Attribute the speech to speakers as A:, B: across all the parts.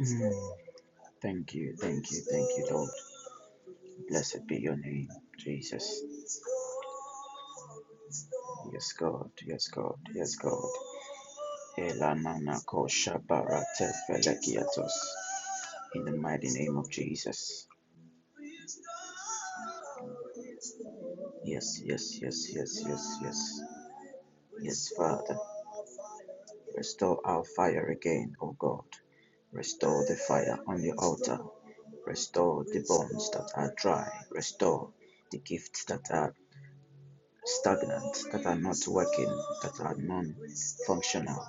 A: Mm. Thank you, thank you, thank you, Lord. Blessed be your name, Jesus. Yes, God, yes, God, yes, God. Elanana kosha barate felekiatos. In the mighty name of Jesus. Yes, yes, yes, yes, yes, yes. Yes, Father, restore our fire again, O God. Restore the fire on the altar. Restore the bones that are dry. Restore the gifts that are stagnant, that are not working, that are non functional.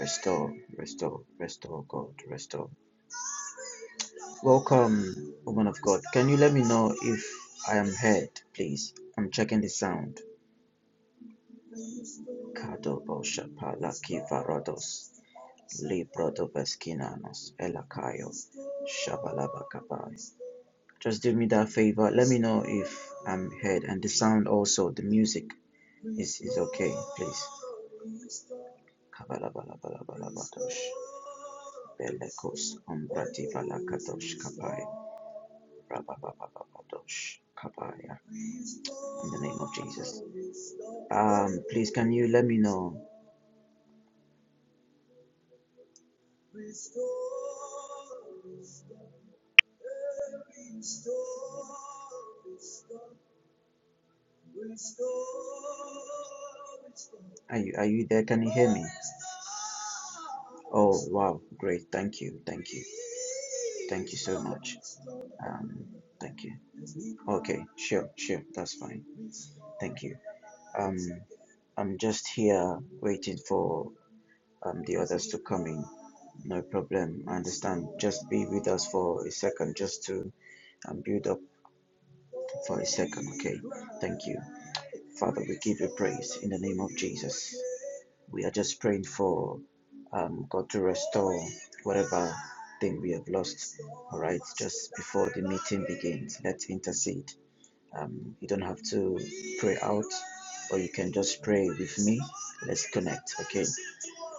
A: restore, restore, restore, God, restore. Welcome, woman of God. Can you let me know if I am heard, please? I'm checking the sound. Kado Boshapala Kivarados, Libro Doveskinanos, Elakayo, Shabalabakabai. Just do me that favor. Let me know if I'm heard and the sound also, the music is, is okay, please. Kabalabalabalabalabatosh. Belekos ombrati valakatosh kapai. Rababababatosh kapaya. In the name of Jesus. Um, please can you let me know? Are you are you there? Can you hear me? Oh wow, great. Thank you. Thank you. Thank you so much. Um thank you. Okay, sure, sure, that's fine. Thank you. Um I'm just here waiting for um the others to come in. No problem. I understand. Just be with us for a second just to um build up for a second, okay? Thank you. Father, we give you praise in the name of Jesus. We are just praying for um, God to restore whatever thing we have lost. All right, just before the meeting begins, let's intercede. Um, you don't have to pray out, or you can just pray with me. Let's connect, okay?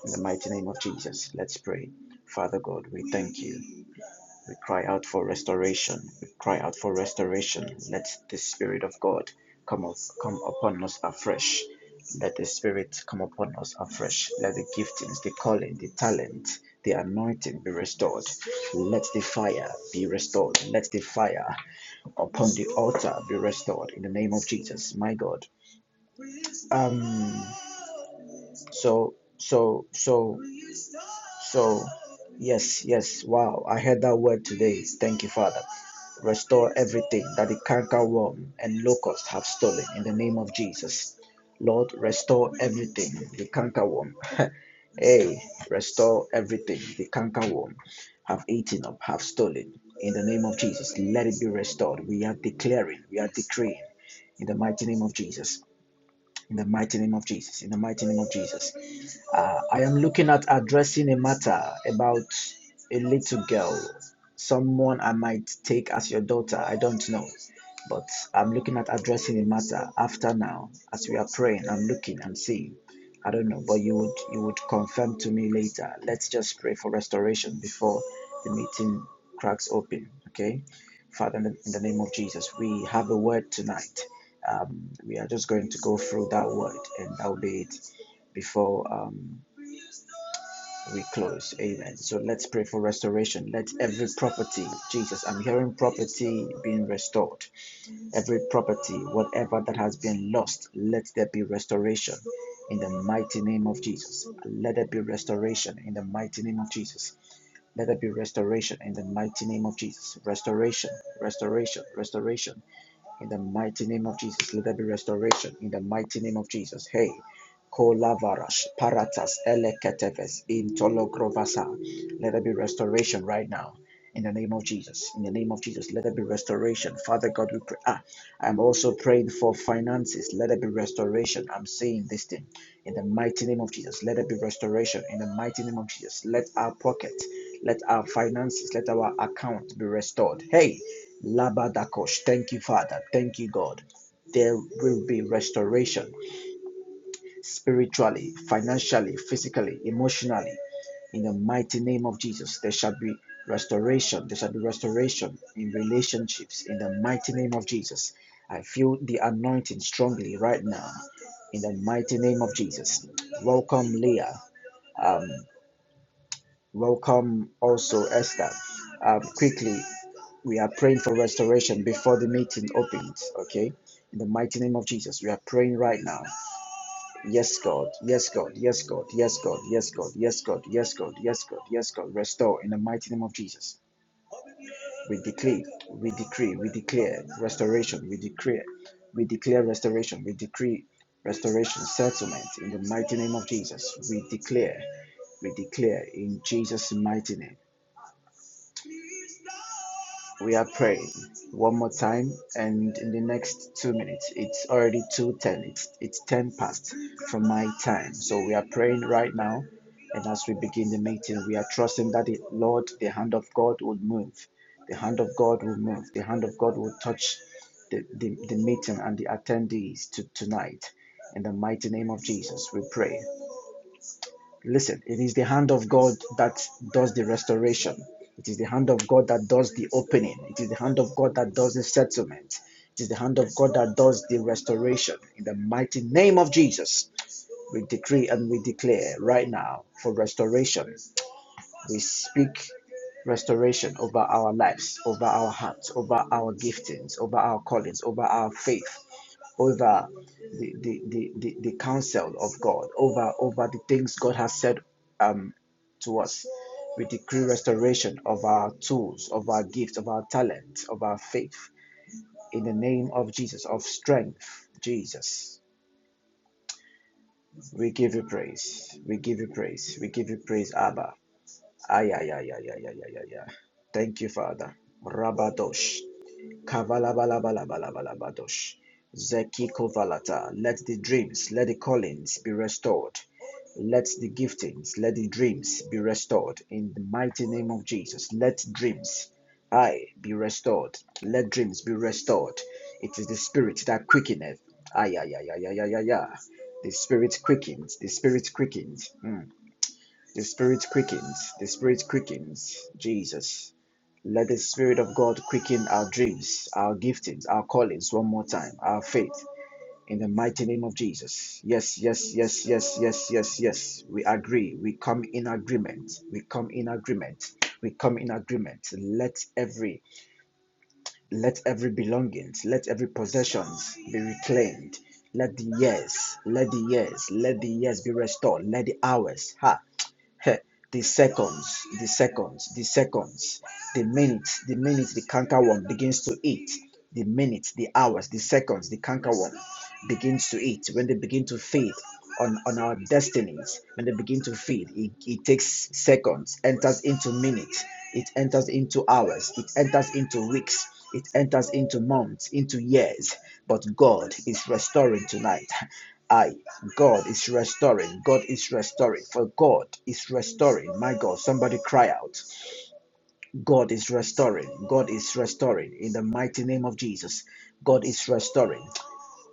A: In the mighty name of Jesus, let's pray. Father God, we thank you. We cry out for restoration. We cry out for restoration. Let the Spirit of God come, up, come upon us afresh. Let the Spirit come upon us afresh. Let the giftings, the calling, the talent, the anointing be restored. Let the fire be restored. Let the fire upon the altar be restored in the name of Jesus, my God. Um. So so so So, yes, yes, wow, I heard that word today. Thank you, Father. Restore everything that the cankerworm and locust have stolen in the name of Jesus. Lord, restore everything the cankerworm, hey, restore everything the cankerworm have eaten up, have stolen in the name of Jesus. Let it be restored. We are declaring, we are decreeing in the mighty name of Jesus. In the mighty name of Jesus. In the mighty name of Jesus. Uh, I am looking at addressing a matter about a little girl, someone I might take as your daughter. I don't know. But I'm looking at addressing a matter after now, as we are praying. I'm looking and seeing. I don't know, but you would you would confirm to me later. Let's just pray for restoration before the meeting cracks open. Okay, Father, in the name of Jesus, we have a word tonight. Um, we are just going to go through that word, and that will be it before. Um, we close. Amen. So let's pray for restoration. Let every property, Jesus, I'm hearing property being restored. Every property, whatever that has been lost, let there be restoration in the mighty name of Jesus. Let there be restoration in the mighty name of Jesus. Let there be restoration in the mighty name of Jesus. Restoration, restoration, restoration in the mighty name of Jesus, let there be restoration. In the mighty name of Jesus. Hey. Kolavarash, Paratas, Eleketeves, Intologrovasa. Let there be restoration right now. In the name of Jesus. In the name of Jesus, let there be restoration. Father God, we pray. Ah, I'm also praying for finances. Let there be restoration. I'm seeing this thing. In the mighty name of Jesus, let there be restoration. In the mighty name of Jesus, let our pocket, let our finances, let our account be restored. Hey, Labadakosh. Thank you, Father. Thank you, God. There will be restoration spiritually, financially, physically, emotionally. In the mighty name of Jesus, there shall be restoration. There shall be restoration in relationships. In the mighty name of Jesus. I feel the anointing strongly right now. In the mighty name of Jesus. Welcome, Leah. Um. Welcome also Esther. Um, quickly, we are praying for restoration before the meeting opens. Okay, in the mighty name of Jesus, we are praying right now. Yes, God. Yes, God. Yes, God. Yes, God. Yes, God. Yes, God. Yes, God. Yes, God. Yes, God. Restore in the mighty name of Jesus. We decree. We decree. We declare restoration. We declare. We declare restoration. We decree restoration settlement in the mighty name of Jesus. We declare. We declare in Jesus' mighty name. We are praying one more time, and in the next two minutes, it's already two ten. It's it's ten past from my time. So we are praying right now, and as we begin the meeting, we are trusting that the Lord, the hand of God, will move. The hand of God will move. The hand of God will touch the, the, the meeting and the attendees to tonight. In the mighty name of Jesus, we pray. Listen, it is the hand of God that does the restoration. It is the hand of God that does the opening. It is the hand of God that does the settlement. It is the hand of God that does the restoration. In the mighty name of Jesus, we decree and we declare right now for restoration. We speak restoration over our lives, over our hearts, over our giftings, over our callings, over our faith over the, the, the, the, the counsel of God, over, over the things God has said um, to us. We decree restoration of our tools, of our gifts, of our talent, of our faith in the name of Jesus, of strength, Jesus. We give you praise. We give you praise. We give you praise, Abba. Ay, ay, ay, ay, ay, ay, ay, ay, Thank you, Father. Rabadosh. Kavalabalabalabalabadosh. Zeki kovalata. Let the dreams, let the callings be restored. Let the giftings, let the dreams be restored in the mighty name of Jesus. Let dreams, I be restored. Let dreams be restored. It is the spirit that quickeneth. Ay, ay, ay, ay, ay, ay, ay, ay. The spirit quickens, the spirit quickens. Mm. The spirit quickens. The spirit quickens. Jesus. Let the Spirit of God quicken our dreams, our giftings, our callings one more time, our faith in the mighty name of Jesus. Yes, yes, yes, yes, yes, yes, yes. We agree. We come in agreement. We come in agreement. We come in agreement. Let every let every belongings, let every possessions be reclaimed. Let the years, let the years, let the years be restored. Let the hours, ha, the seconds, the seconds, the seconds, the minutes, the minutes, the canker worm begins to eat. The minutes, the hours, the seconds, the canker worm begins to eat. When they begin to feed on, on our destinies, when they begin to feed, it, it takes seconds, enters into minutes, it enters into hours, it enters into weeks, it enters into months, into years. But God is restoring tonight. I, God is restoring. God is restoring. For God is restoring. My God, somebody cry out. God is restoring. God is restoring. In the mighty name of Jesus, God is restoring.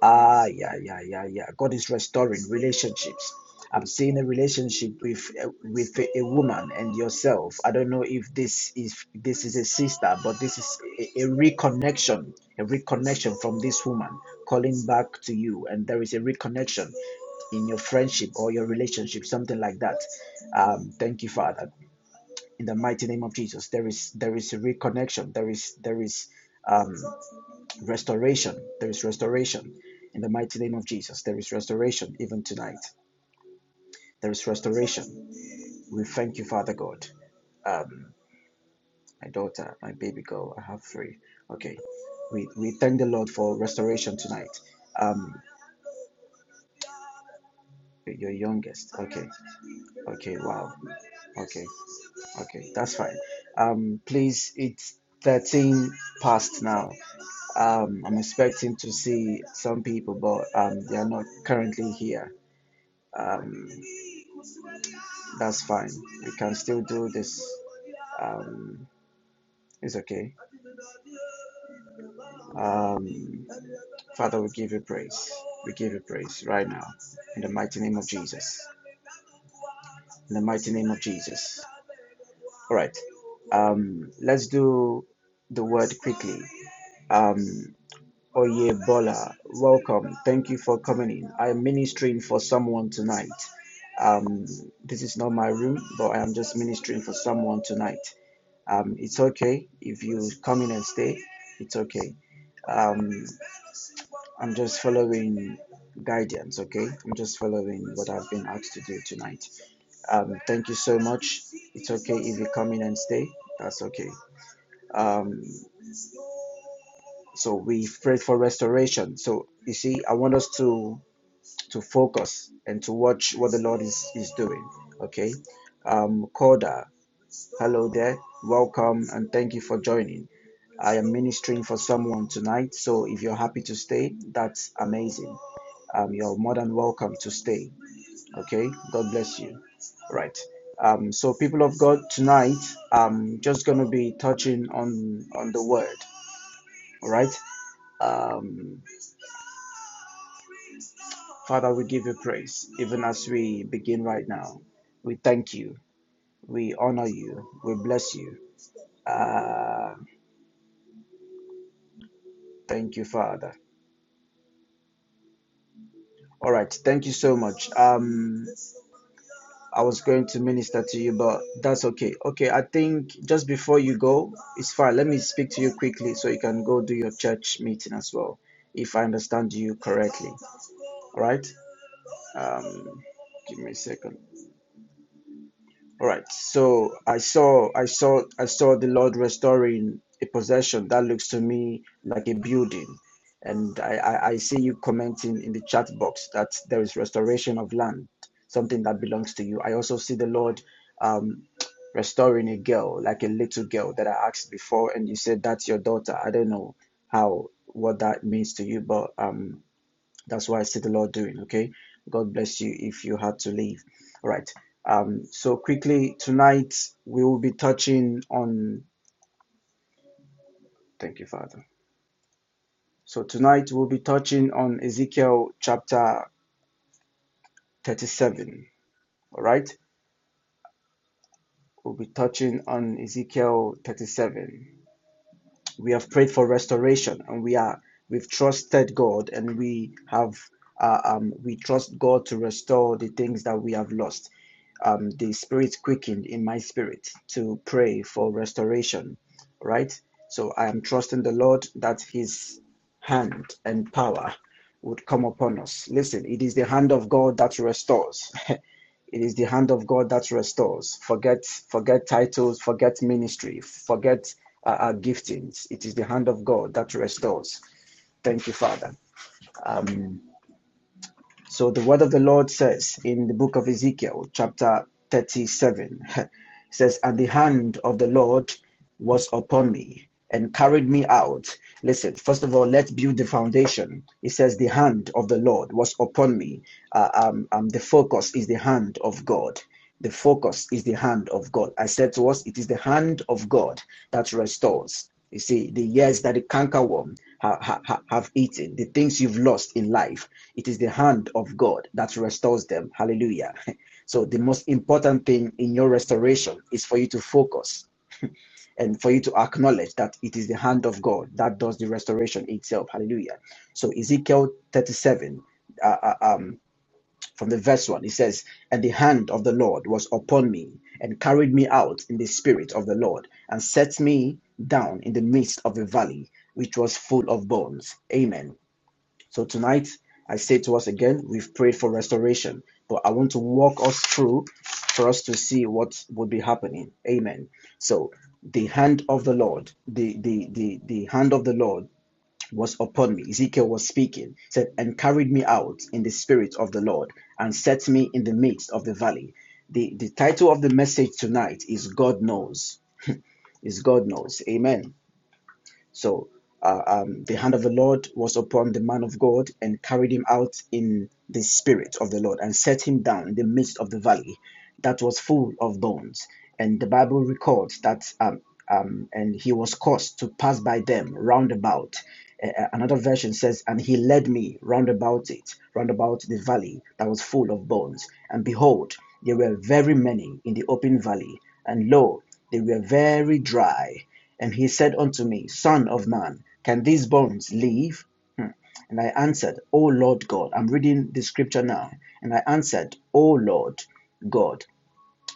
A: Ah, yeah, yeah, yeah, yeah. God is restoring relationships. I'm seeing a relationship with uh, with a woman and yourself. I don't know if this is this is a sister, but this is a, a reconnection, a reconnection from this woman calling back to you, and there is a reconnection in your friendship or your relationship, something like that. Um, thank you, Father, in the mighty name of Jesus. There is there is a reconnection. There is there is. um. Restoration. There is restoration. In the mighty name of Jesus, there is restoration even tonight. There is restoration. We thank you, Father God. Um, my daughter, my baby girl, I have three. Okay. We, we thank the Lord for restoration tonight. Um, your youngest. Okay. Okay. Wow. Okay. Okay. That's fine. Um, please, it's 13 past now. Um, I'm expecting to see some people, but um, they are not currently here Um, That's fine. We can still do this. Um, it's okay. Um, Father, we give you praise. We give you praise right now in the mighty name of Jesus. In the mighty name of Jesus. All right. Um, let's do the word quickly. Um, Oye Bola, welcome. Thank you for coming in. I am ministering for someone tonight. Um, this is not my room, but I am just ministering for someone tonight. Um, it's okay if you come in and stay. It's okay. Um, I'm just following guidance. Okay, I'm just following what I've been asked to do tonight. Um, thank you so much. It's okay if you come in and stay. That's okay. Um, so we prayed for restoration. So you see, I want us to to focus and to watch what the Lord is is doing. Okay, um, Koda. Hello there, welcome, and thank you for joining. I am ministering for someone tonight, so if you're happy to stay, that's amazing. Um, you're more than welcome to stay. Okay, God bless you. Right. Um, so people of God, tonight I'm just gonna be touching on on the word. All right. Um, Father, we give you praise even as we begin right now. We thank you. We honor you. We bless you. Ah, thank you, Father. All right, thank you so much. Um, I was going to minister to you, but that's okay. Okay, I think just before you go, it's fine. Let me speak to you quickly so you can go do your church meeting as well, if I understand you correctly. All right. Um, give me a second. All right. So I saw, I saw, I saw the Lord restoring a possession that looks to me like a building, and I, I, I see you commenting in the chat box that there is restoration of land, something that belongs to you. I also see the Lord um, restoring a girl, like a little girl that I asked before, and you said that's your daughter. I don't know how what that means to you, but um, that's what I see the Lord doing. Okay. God bless you if you had to leave. All right. Um, so quickly tonight we will be touching on thank you, Father. So tonight we'll be touching on Ezekiel chapter 37. All right. We'll be touching on Ezekiel 37. we have prayed for restoration and we are we've trusted god and we have uh, um, we trust god to restore the things that we have lost um, the spirit quickened in my spirit to pray for restoration right so i am trusting the lord that his hand and power would come upon us listen it is the hand of god that restores It is the hand of God that restores. Forget, forget titles, forget ministry, forget uh, our giftings. It is the hand of God that restores. Thank you, Father. Um, so the word of the Lord says in the book of Ezekiel, chapter 37, it says, And the hand of the Lord was upon me and carried me out. Listen, first of all, let's build the foundation. It says, The hand of the Lord was upon me. Uh, um, um, the focus is the hand of God. The focus is the hand of God. I said to us, it is the hand of God that restores. You see, the years that the cankerworm ha- ha- have eaten, the things you've lost in life, it is the hand of God that restores them. Hallelujah. So, the most important thing in your restoration is for you to focus and for you to acknowledge that it is the hand of God that does the restoration itself. Hallelujah. So, Ezekiel 37. uh, uh, um from the verse 1 it says and the hand of the lord was upon me and carried me out in the spirit of the lord and set me down in the midst of a valley which was full of bones amen so tonight i say to us again we've prayed for restoration but i want to walk us through for us to see what would be happening amen so the hand of the lord the the the, the hand of the lord was upon me. Ezekiel was speaking, said, and carried me out in the spirit of the Lord and set me in the midst of the valley. The, the title of the message tonight is God Knows. Is God Knows. Amen. So uh, um, the hand of the Lord was upon the man of God and carried him out in the spirit of the Lord and set him down in the midst of the valley that was full of thorns. And the Bible records that, um, um, and he was caused to pass by them round about. A- Another version says, and he led me round about it, round about the valley that was full of thorns. And behold, there were very many in the open valley, and lo, they were very dry. And he said unto me, Son of man, can these bones live? And I answered, O Lord God, I'm reading the scripture now. And I answered, O Lord God,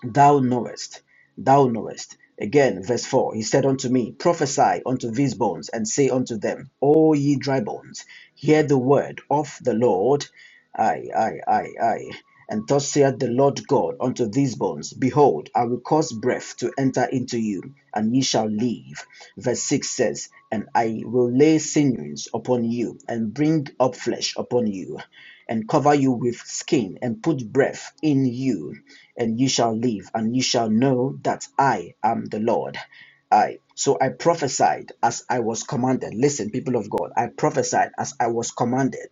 A: Thou knowest, thou knowest. Again, verse 4 He said unto me, Prophesy unto these bones, and say unto them, O ye dry bones, hear the word of the Lord. Aye, aye, aye, aye. And thus saith the Lord God unto these bones, Behold, I will cause breath to enter into you, and ye shall live. Verse 6 says, And I will lay sinews upon you, and bring up flesh upon you and cover you with skin, and put breath in you, and you shall live, and you shall know that I am the Lord. I so I prophesied as I was commanded. Listen, people of God, I prophesied as I was commanded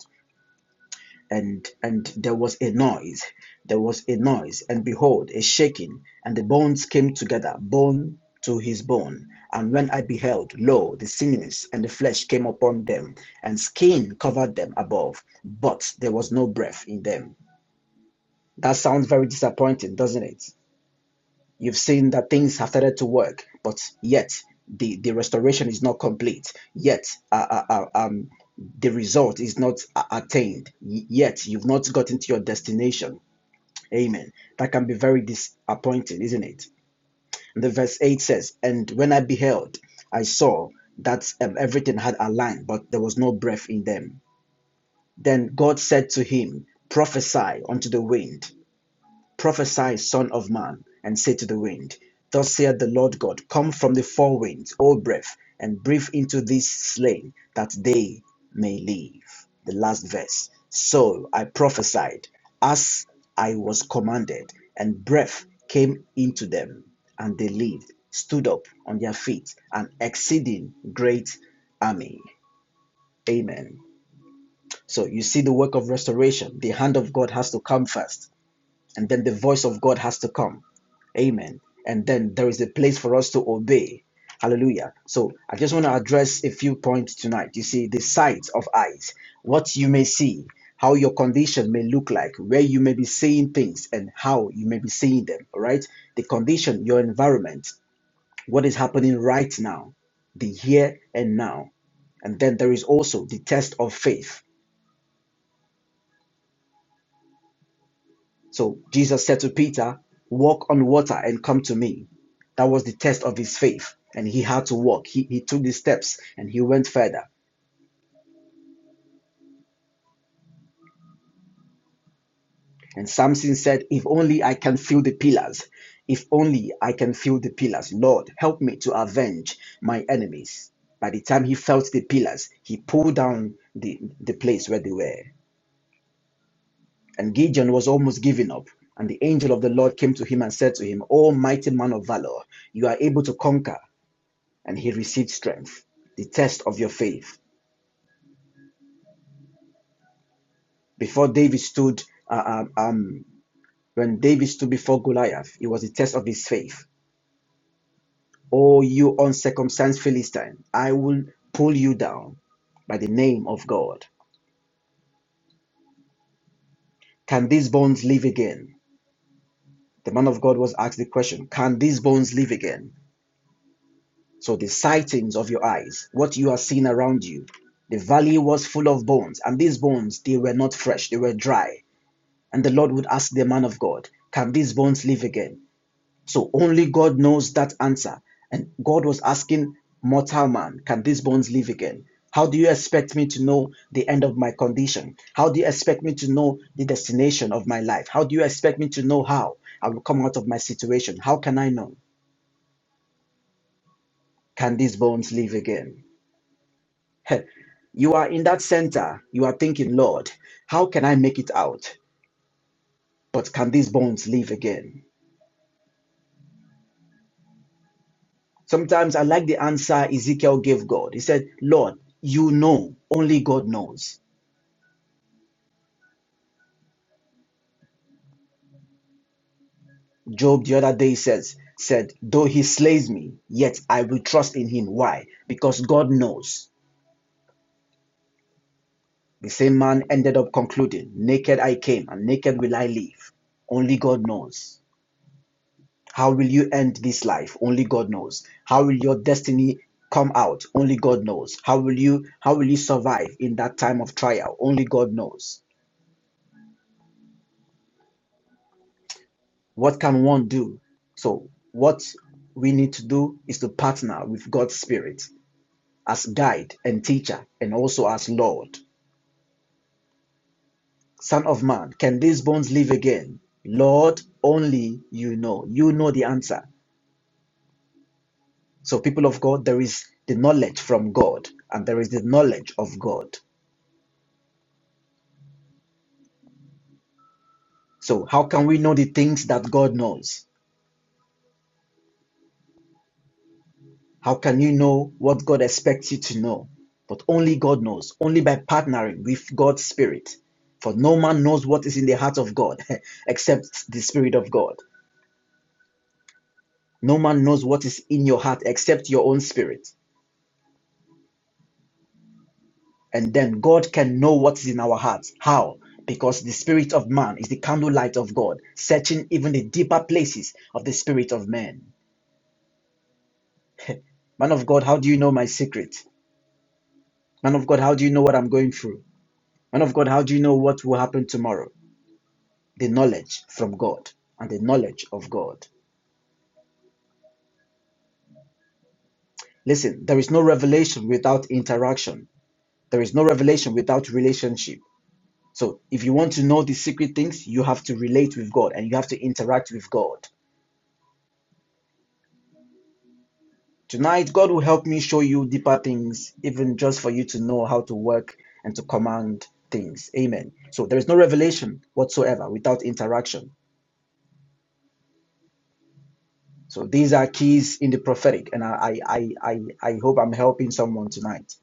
A: and and there was a noise there was a noise and behold a shaking and the bones came together bone to his bone and when i beheld lo the sinews and the flesh came upon them and skin covered them above but there was no breath in them that sounds very disappointing doesn't it You've seen that things have started to work, but yet the, the restoration is not complete. Yet uh, uh, uh, um, the result is not uh, attained. yet you've not gotten to your destination. Amen. That can be very disappointing, isn't it? And the verse 8 says, And when I beheld, I saw that um, everything had aligned, but there was no breath in them. Then God said to him, Prophesy unto the wind Prophesy, Son of man, and say to the wind, Thus saith the Lord God, Come from the four winds, O breath, and breathe into these slain, that they may live. The last verse. So I prophesied as I was commanded, and breath came into them, and they lived, stood up on their feet, an exceeding great army. Amen. So you see the work of restoration. The hand of God has to come first and then the voice of God has to come. Amen. And then there is a place for us to obey. Hallelujah. So I just want to address a few points tonight. You see, the sight of eyes, what you may see, how your condition may look like, where you may be seeing things, and how you may be seeing them. All right. The condition, your environment, what is happening right now, the here and now. And then there is also the test of faith So Jesus said to Peter, Walk on water and come to me. That was the test of his faith, and he had to walk. He, he took the steps and he went further. And Samson said, If only I can feel the pillars. If only I can feel the pillars. Lord, help me to avenge my enemies. By the time he felt the pillars, he pulled down the, the place where they were. And Gideon was almost giving up. And the angel of the Lord came to him and said to him, O mighty man of valor, you are able to conquer. and he received strength. The test of your faith. Before David stood, uh, um, um, when David stood before Goliath, it was the test of his faith. Oh, you uncircumcised Philistine, I will pull you down by the name of God. Can these bones live again? The man of God was asked the question, Can these bones live again? So the sightings of your eyes, what you are seeing around you, the valley was full of bones, and these bones, they were not fresh, they were dry. And the Lord would ask the man of God, Can these bones live again? So only God knows that answer. And God was asking mortal man, Can these bones live again? How do you expect me to know the end of my condition? How do you expect me to know the destination of my life? How do you expect me to know how I will come out of my situation? How can I know? Can these bones live again? you are in that center. You are thinking, Lord, how can I make it out? But can these bones live again? Sometimes I like the answer Ezekiel gave God. He said, Lord, you know, only God knows. Job the other day says, said, though he slays me, yet I will trust in him. Why? Because God knows. The same man ended up concluding, naked I came and naked will I leave. Only God knows. How will you end this life? Only God knows. How will your destiny come out? Only God knows. How will you how will you survive in that time of trial? Only God knows. What can one do? So, what we need to do is to partner with God's Spirit as guide and teacher and also as Lord. Son of man, can these bones live again? Lord, only you know. You know the answer. So, people of God, there is the knowledge from God and there is the knowledge of God. So, how can we know the things that God knows? How can you know what God expects you to know? But only God knows, only by partnering with God's Spirit. For no man knows what is in the heart of God except the Spirit of God. No man knows what is in your heart except your own spirit. And then God can know what is in our hearts. How? Because the spirit of man is the candlelight of God, searching even the deeper places of the spirit of man. Man of God, how do you know my secret? Man of God, how do you know what I'm going through? Man of God, how do you know what will happen tomorrow? the knowledge from God and the knowledge of God. Listen, there is no revelation without interaction. There is no revelation without relationship. So if you want to know the secret things, you have to relate with God and you have to interact with God. Tonight, God will help me show you deeper things, even just for you to know how to work and to command things. Amen. So there is no revelation whatsoever without interaction. So these are keys in the prophetic, and I I I I, hope I'm helping someone tonight.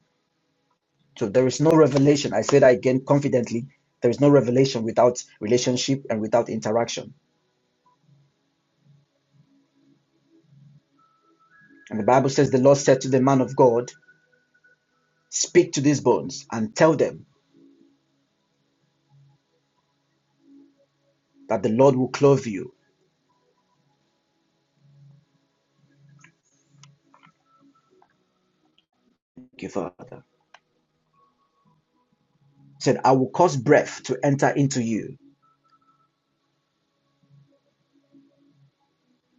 A: So there is no revelation. I say that again confidently. There is no revelation without relationship and without interaction. And the Bible says the Lord said to the man of God, Speak to these bones and tell them that the Lord will clothe you. Thank you, Father. He said, I will cause breath to enter into you.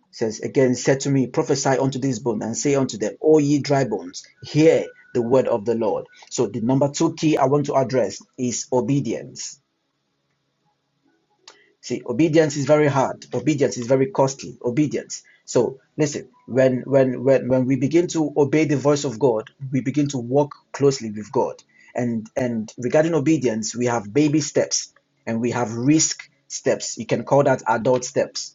A: He says again, said to me, Prophesy unto these bones and say unto them, O ye dry bones, hear the word of the Lord. So the number two key I want to address is obedience See, obedience is very hard. Obedience is very costly. Obedience. So listen, when when when when we begin to obey the voice of God, we begin to walk closely with God. And and regarding obedience, we have baby steps and we have risk steps. You can call that adult steps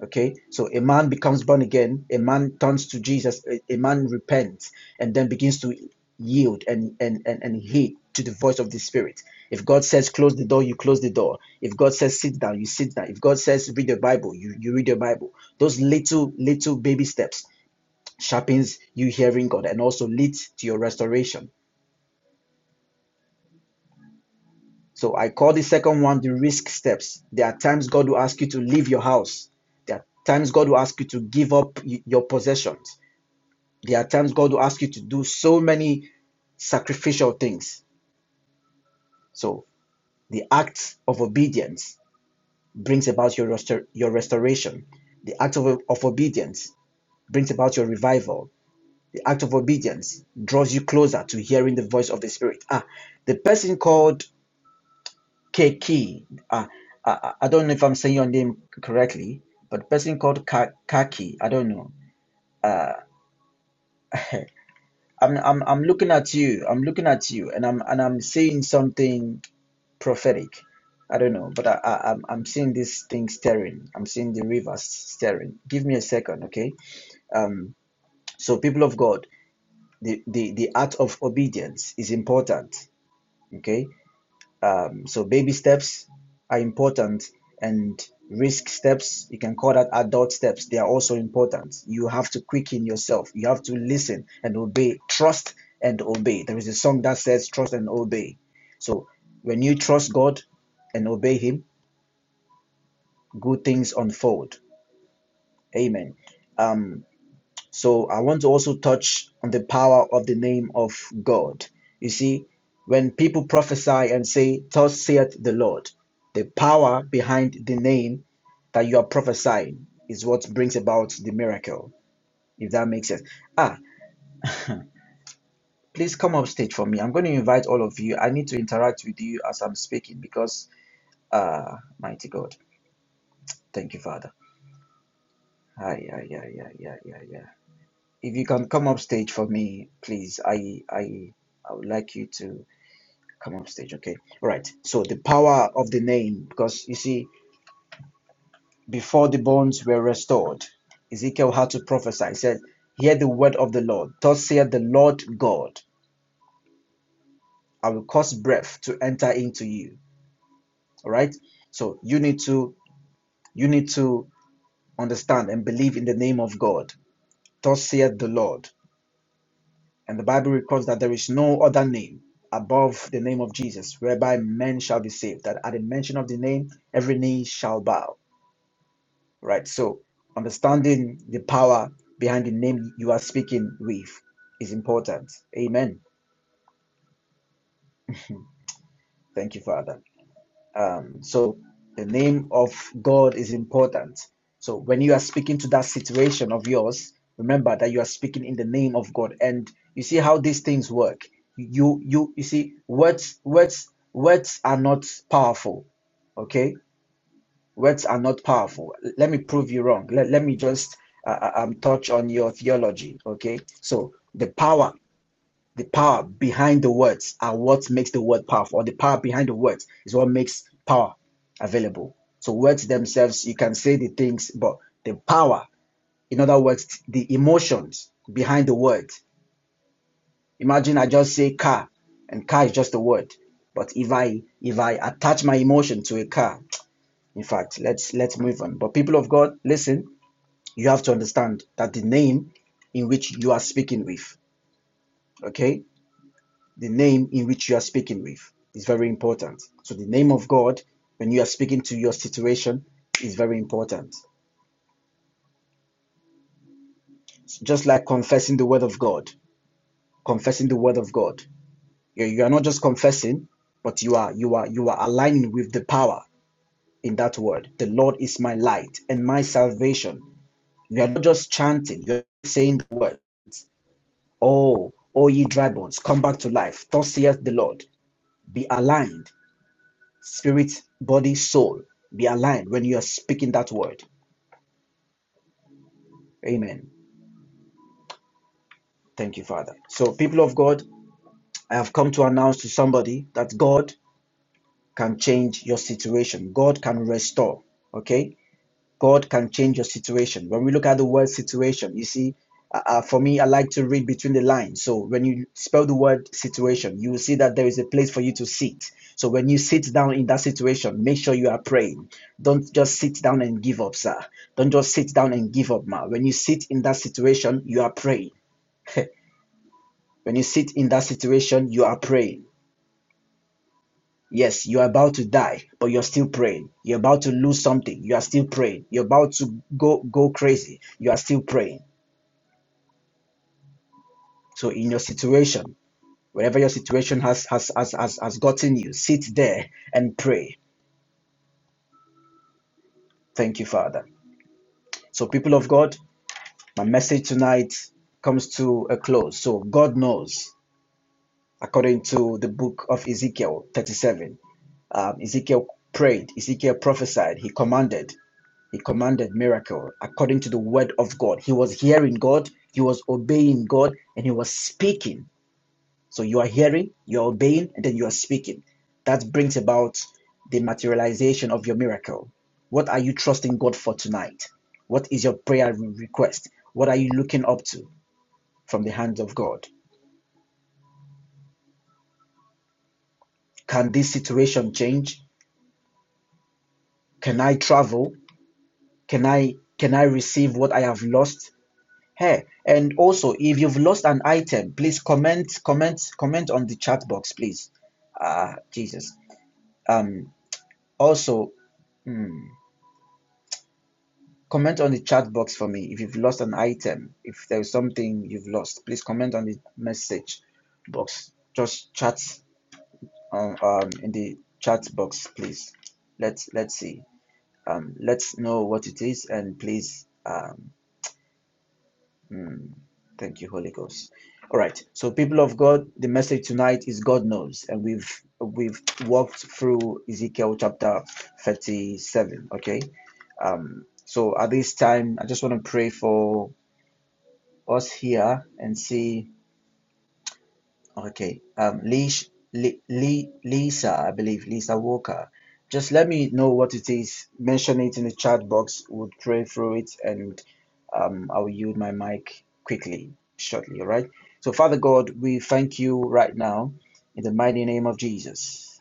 A: Okay, so a man becomes born again, a man turns to Jesus, a, a man repents and then begins to yield and, and, and, and heed to the voice of the Spirit. If God says close the door, you close the door. If God says sit down, you sit down. If God says read your Bible, you, you read your Bible. Those little, little baby steps sharpens you hearing God and also leads to your restoration. So I call the second one the risk steps. There are times God will ask you to leave your house. There are times God will ask you to give up your possessions. There are times God will ask you to do so many sacrificial things. So the act of obedience brings about your restor- your restoration. The act of, of obedience brings about your revival. The act of obedience draws you closer to hearing the voice of the Spirit. Ah, the person called Kaki. Ah, I, I I don't know if I'm saying your name correctly, but the person called Ka- Kaki. I don't know. I'm, I'm I'm looking at you. I'm looking at you, and I'm and I'm saying something prophetic. I don't know, but I, I I'm I'm seeing this thing stirring. I'm seeing the rivers stirring. Give me a second, okay? Um, so people of God, the the the art of obedience is important, okay? Um, so baby steps are important, and risk steps you can call that adult steps. They are also important. You have to quicken yourself. You have to listen and obey. Trust and obey. There is a song that says trust and obey. So when you trust God and obey Him good things unfold. Amen. Um, so I want to also touch on the power of the name of God. You see, when people prophesy and say, Thus saith the Lord, the power behind the name that you are prophesying is what brings about the miracle, if that makes sense. Ah, please come up stage for me. I'm going to invite all of you. I need to interact with you as I'm speaking because, uh, mighty God, thank you, Father. Yeah, yeah, yeah, yeah, yeah, yeah. If you can come up stage for me, please. I I I would like you to come up stage. Okay. All right. So the power of the name, because you see, before the bones were restored, Ezekiel had to prophesy. He said, Hear the word of the Lord. Thus saith the Lord God, I will cause breath to enter into you. All right. So you need to you need to understand and believe in the name of God. Thus saith the Lord. And the Bible records that there is no other name above the name of Jesus whereby men shall be saved. That at the mention of the name, every knee shall bow. Right? So, understanding the power behind the name you are speaking with is important. Amen. Thank you, Father. Um, so the name of God is important. So when you are speaking to that situation of yours, remember that you are speaking in the name of God. And you see how these things work. You you you see words words words are not powerful. Okay, words are not powerful. Let me prove you wrong. Let, let me just uh, uh, um touch on your theology. Okay, so the power the power behind the words are what makes the word powerful, or the power behind the words is what makes power available. So words themselves, you can say the things, but the power, in other words, the emotions behind the word. Imagine I just say car, and car is just a word. But if I if I attach my emotion to a car, in fact, let's let's move on. But people of God, listen, you have to understand that the name in which you are speaking with. Okay, the name in which you are speaking with is very important. So the name of God when you are speaking to your situation is very important. It's just like confessing the word of God, confessing the word of God. You you are not just confessing, but you are you are you are aligning with the power in that word. The Lord is my light and my salvation. You are not just chanting, you're saying the word. Oh, oh ye dry bones, come back to life. Thus saith the Lord. Be aligned Spirit, body, soul be aligned when you are speaking that word. Amen. Thank you, Father. So, people of God, I have come to announce to somebody that God can change your situation, God can restore. Okay? God can change your situation. When we look at the word situation, you see, uh, uh, for me, I like to read between the lines. So when you spell the word situation, you will see that there is a place for you to sit. So when you sit down in that situation, make sure you are praying. Don't just sit down and give up, sir. Don't just sit down and give up, ma. When you sit in that situation, you are praying. when you sit in that situation, you are praying Yes, you're about to die, but you're still praying. You're about to lose something. You are still praying. You're about to go go crazy. You are still praying. So in your situation, wherever your situation has has has has, has gotten you, sit there and pray. Thank you, Father. So people of God, my message tonight comes to a close. So God knows, according to the book of Ezekiel 37. Um, Ezekiel prayed, Ezekiel prophesied, he commanded. He commanded miracle according to the word of God. He was hearing God, he was obeying God, and he was speaking. So you are hearing, you are obeying, and then you are speaking. That brings about the materialization of your miracle. What are you trusting God for tonight? What is your prayer request? What are you looking up to from the hands of God? Can this situation change? Can I travel? Can I can I receive what I have lost? Hey, and also if you've lost an item, please comment, comment, comment on the chat box, please. Ah, Jesus. Um, also, hmm, comment on the chat box for me if you've lost an item. If there's something you've lost, please comment on the message box. Just chat um, um in the chat box, please. Let's let's see. Um, let's know what it is, and please um Mm. Thank you, Holy Ghost. All right. So, people of God, the message tonight is God knows, and we've we've walked through Ezekiel chapter thirty-seven. Okay. Um. So at this time, I just want to pray for us here and see Okay. Um, Leash, Li, Li, Lisa, I believe, Lisa Walker. Just let me know what it is. Mention it in the chat box. We'll pray through it and um, I'll yield my mic quickly, shortly. All right. So, Father God, we thank you right now in the mighty name of Jesus.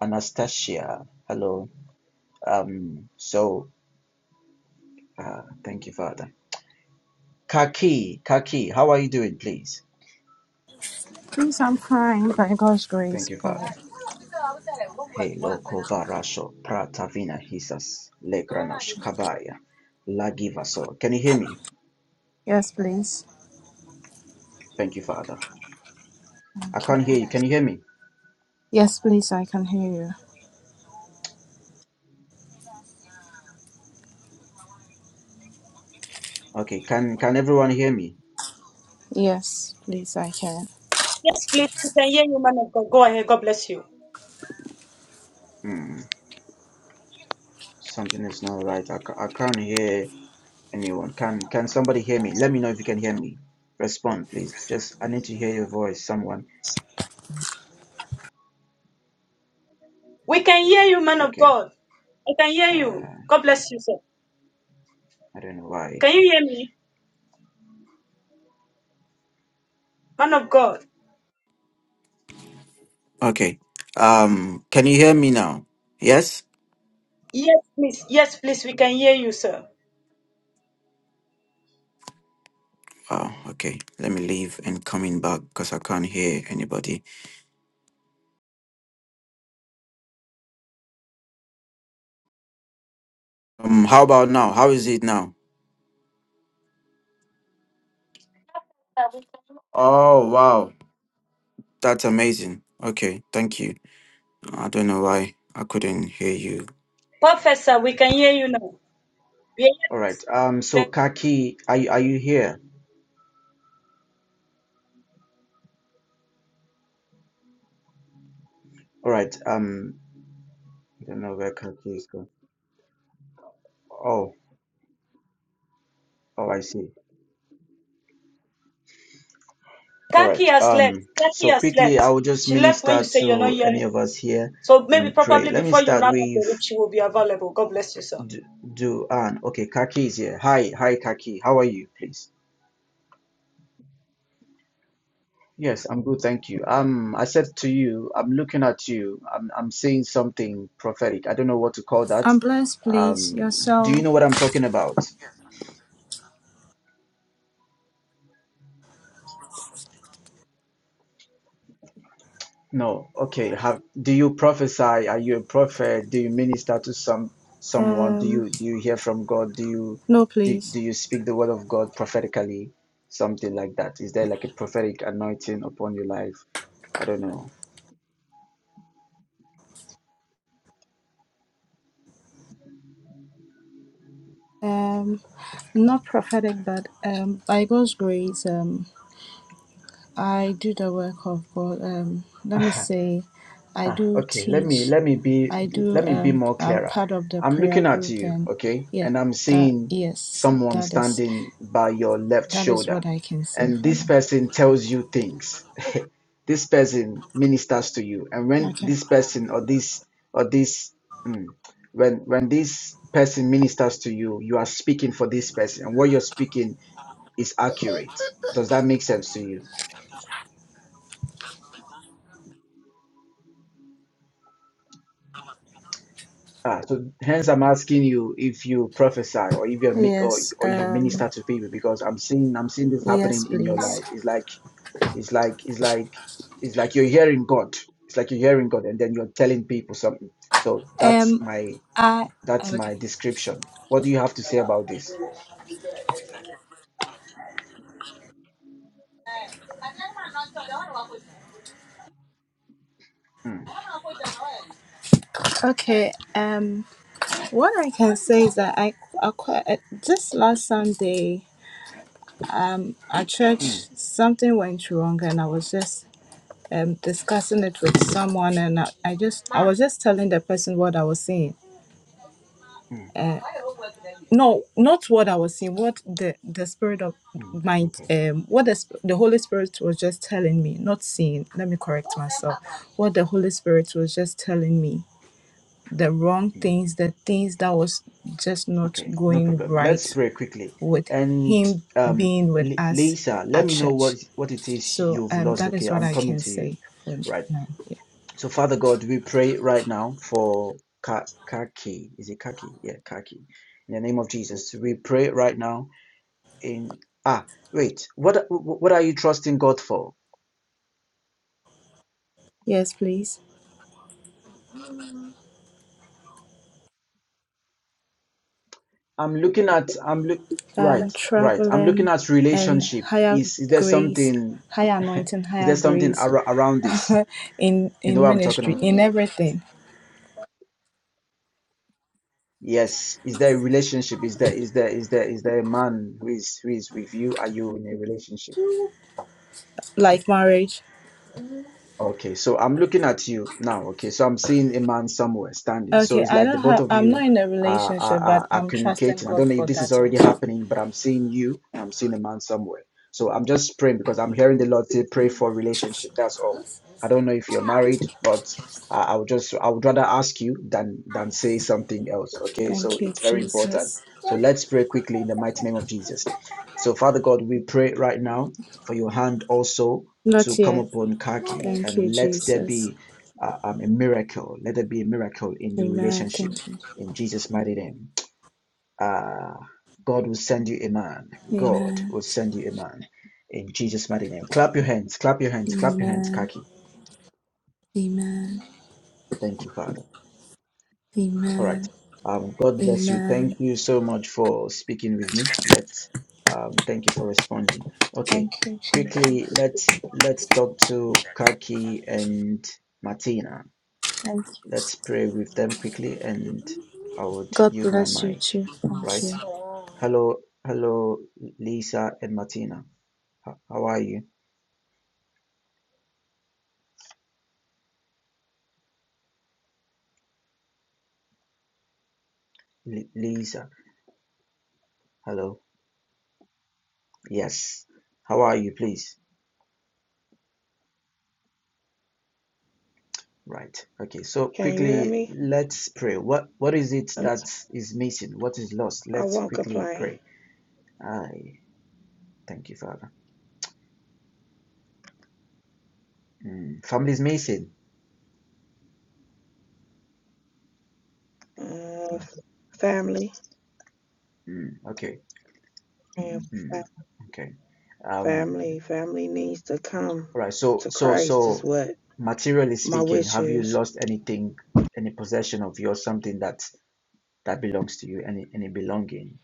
A: Anastasia, hello. Um, so, uh, thank you, Father. Kaki, Kaki, how are you doing, please?
B: Please, I'm fine by God's grace,
A: Thank you,
B: Brother.
A: Father. Halo kovarasho pratavina hisas legranosh kabaya lagivaso. Can you hear me?
B: Yes, please.
A: Thank you, Father. I can't hear you. Can you hear me?
B: Yes, please, I can hear you.
A: Okay. Can can everyone hear me?
B: Yes, please, I can.
C: Yes, please. We can hear you, man of God. Go ahead. God bless you.
A: Hmm. Something is not right. I, I can't hear anyone. Can can somebody hear me? Let me know if you can hear me. Respond, please. Just I need to hear your voice. Someone.
C: We can hear you, man of
A: Okay.
C: God. I can hear you.
A: Uh,
C: God bless you, sir.
A: I don't know why.
C: Can you hear me, man of God?
A: Okay. Um. Can you hear me now? Yes.
C: Yes, please. Yes, please. We can hear you, sir.
A: Oh, okay. Let me leave and coming back because I can't hear anybody. Um, how about now? How is it now? Oh, wow. That's amazing. Okay, thank you. I don't know why I couldn't hear you.
C: Professor, we can hear you now. We are hearing
A: All
C: you,
A: right. Um, so
C: sir.
A: Kaki, are you, are you here? All right. Um, I don't know where Kaki is going. Oh, oh, I see. All right.
C: Kaki has left.
A: Um,
C: Kaki
A: so
C: has
A: quickly,
C: left.
A: I will just
C: She left when you
A: minister
C: say you're not
A: to
C: hearing.
A: any of us
C: us.
A: here
C: So maybe
A: and pray.
C: probably
A: Let me
C: before you
A: start
C: run up the
A: with
C: room, she will be available. God bless you, sir.
A: Do Duan. Okay, Kaki is here. Hi, hi, Kaki. How are you, please? Yes, I'm good, thank you. Um, I said to you, I'm looking at you. I'm I'm seeing something prophetic. I don't know what to call that.
B: I'm blessed, please.
A: Um, do you know
B: Yourself.
A: what I'm talking about? No. Okay. Have do you prophesy? Are you a prophet? Do you minister to some someone? Do
B: Um,
A: you do you hear from God? Do you
B: no,
A: do,
B: please.
A: do you speak the word of God prophetically? Something like that. Is there like a prophetic anointing upon your life? I don't know.
B: Um, not prophetic, but um, by God's grace, um, I do the work of God. Um, let me say, I
A: Ah,
B: do
A: okay. Let me
B: teach.
A: let me be
B: I do.
A: let me be
B: Um,
A: more
B: I'm
A: clearer.
B: part of the
A: I'm
B: prayer
A: looking at
B: group,
A: you,
B: and
A: okay,
B: yeah,
A: and I'm
B: that
A: seeing
B: yes,
A: someone
B: that is.
A: standing by your left
B: That is
A: shoulder,
B: what I can say
A: and
B: for
A: this
B: now.
A: person tells you things. This person ministers to you, and when
B: Okay.
A: this person or this or this mm, when when this person ministers to you, you are speaking for this person, and what you're speaking is accurate. Does that make sense to you? Ah, so hence I'm asking you if you prophesy or if you mi- or
B: Yes,
A: or if you
B: um,
A: minister to people because I'm seeing I'm seeing this
B: yes,
A: happening in your
B: please.
A: life. It's like it's like it's like it's like you're hearing God. It's like you're hearing God and then you're telling people something. So that's
B: Um,
A: my
B: I
A: that's
B: okay.
A: my description. What do you have to say about this? Mm,
B: Okay. Um, what I can say is that I, I quite, uh, just last Sunday, um, at
A: mm,
B: church something went wrong, and I was just um discussing it with someone, and I, I just I was just telling the person what I was seeing.
A: mm,
B: uh, no not what i was seeing what the the spirit of
A: mm,
B: my
A: okay,
B: um what the, sp- the holy spirit was just telling me not seeing let me correct myself what the holy spirit was just telling me the wrong
A: mm,
B: things the things that was just not
A: okay, no
B: going
A: problem. Let's
B: right
A: pray quickly.
B: with
A: And
B: him
A: um,
B: being with
A: Li-
B: us
A: Lisa, let
B: at
A: me know what
B: church
A: what it is
B: so
A: you've
B: um
A: lost.
B: that
A: Okay,
B: is what
A: I'm
B: i
A: coming
B: can
A: to you
B: say for
A: right
B: now yeah.
A: So, Father God, we pray right now for Ka- Kaki. Is it Kaki? Yeah, Kaki. In the name of Jesus, we pray right now. In ah, wait, what what are you trusting God for?
B: yes please
A: I'm looking at I'm look
B: um,
A: right, right. I'm looking
B: traveling
A: at
B: and
A: relationship.
B: higher
A: Is is there
B: grace,
A: something?
B: higher anointing,
A: Is
B: higher
A: there something
B: grace
A: ar- around this?
B: in
A: You know
B: in
A: what I'm talking
B: ministry,
A: about?
B: in everything,
A: Yes. Is there a relationship? Is there is there is there is there a man who is who is with you? Are you in a relationship?
B: like marriage.
A: Okay, so I'm looking at you now. Okay, so I'm seeing a man somewhere standing. So
B: Okay,
A: it's
B: I
A: like the
B: don't
A: both
B: have.
A: of
B: I'm not
A: you
B: in a
A: are, are,
B: relationship, but
A: are are
B: I'm trusting
A: communicating. I
B: God
A: don't know if
B: for
A: this is
B: that
A: already
B: also.
A: happening, but I'm seeing you and I'm seeing a man somewhere. So I'm just praying because I'm hearing the Lord say, pray for relationship. That's all. I don't know if you're married, but I, I would just, I would rather ask you than, than say something else. Okay, so
B: Thank you,
A: it's very important.
B: Jesus.
A: So let's pray quickly in the mighty name of Jesus. So, Father God, we pray right now for your hand also
B: Not
A: to come
B: yet.
A: upon Kaki
B: Thank you,
A: and let there
B: Jesus.
A: be uh, um, a miracle. Let there be a miracle in the
B: Amen.
A: relationship
B: Thank you.
A: in Jesus' mighty name. Uh, God will send you a man. God
B: Amen.
A: will send you a man in Jesus' mighty name. Clap your hands, clap your hands, clap your hands,
B: Amen.
A: Kaki.
B: Amen.
A: Thank you, Father. All right.
B: Amen.
A: Um, God bless you.
B: Amen.
A: Thank you so much for speaking with me. Let's um, thank you for responding. Okay,
B: Thank you, Jesus.
A: quickly let's let's talk to Kaki and Martina.
B: Thank you.
A: let's pray with them quickly and I would
B: God
A: use my
B: bless you
A: mic,
B: too. Thank
A: right?
B: you.
A: Hello, hello, Lisa and Martina. How are you? Lisa, hello. Yes. How are you, please? Right. Okay. So
D: Can you hear
A: quickly,
D: me?
A: let's pray. What what is it that is missing? What is lost?
D: I
A: Let's
D: won't
A: quickly
D: complain.
A: pray. I thank you, Father. Mm. Family is missing.
D: Uh, family
A: Mm. Okay.
D: and
A: Mm.
D: fa-
A: Okay. Um.
D: family, family needs to come
A: All right. So,
D: to
A: so,
D: Christ is
A: so,
D: what
A: materially
D: my
A: speaking,
D: wish
A: have you
D: is.
A: lost anything, any possession of yours, something that that belongs to you, any any belonging?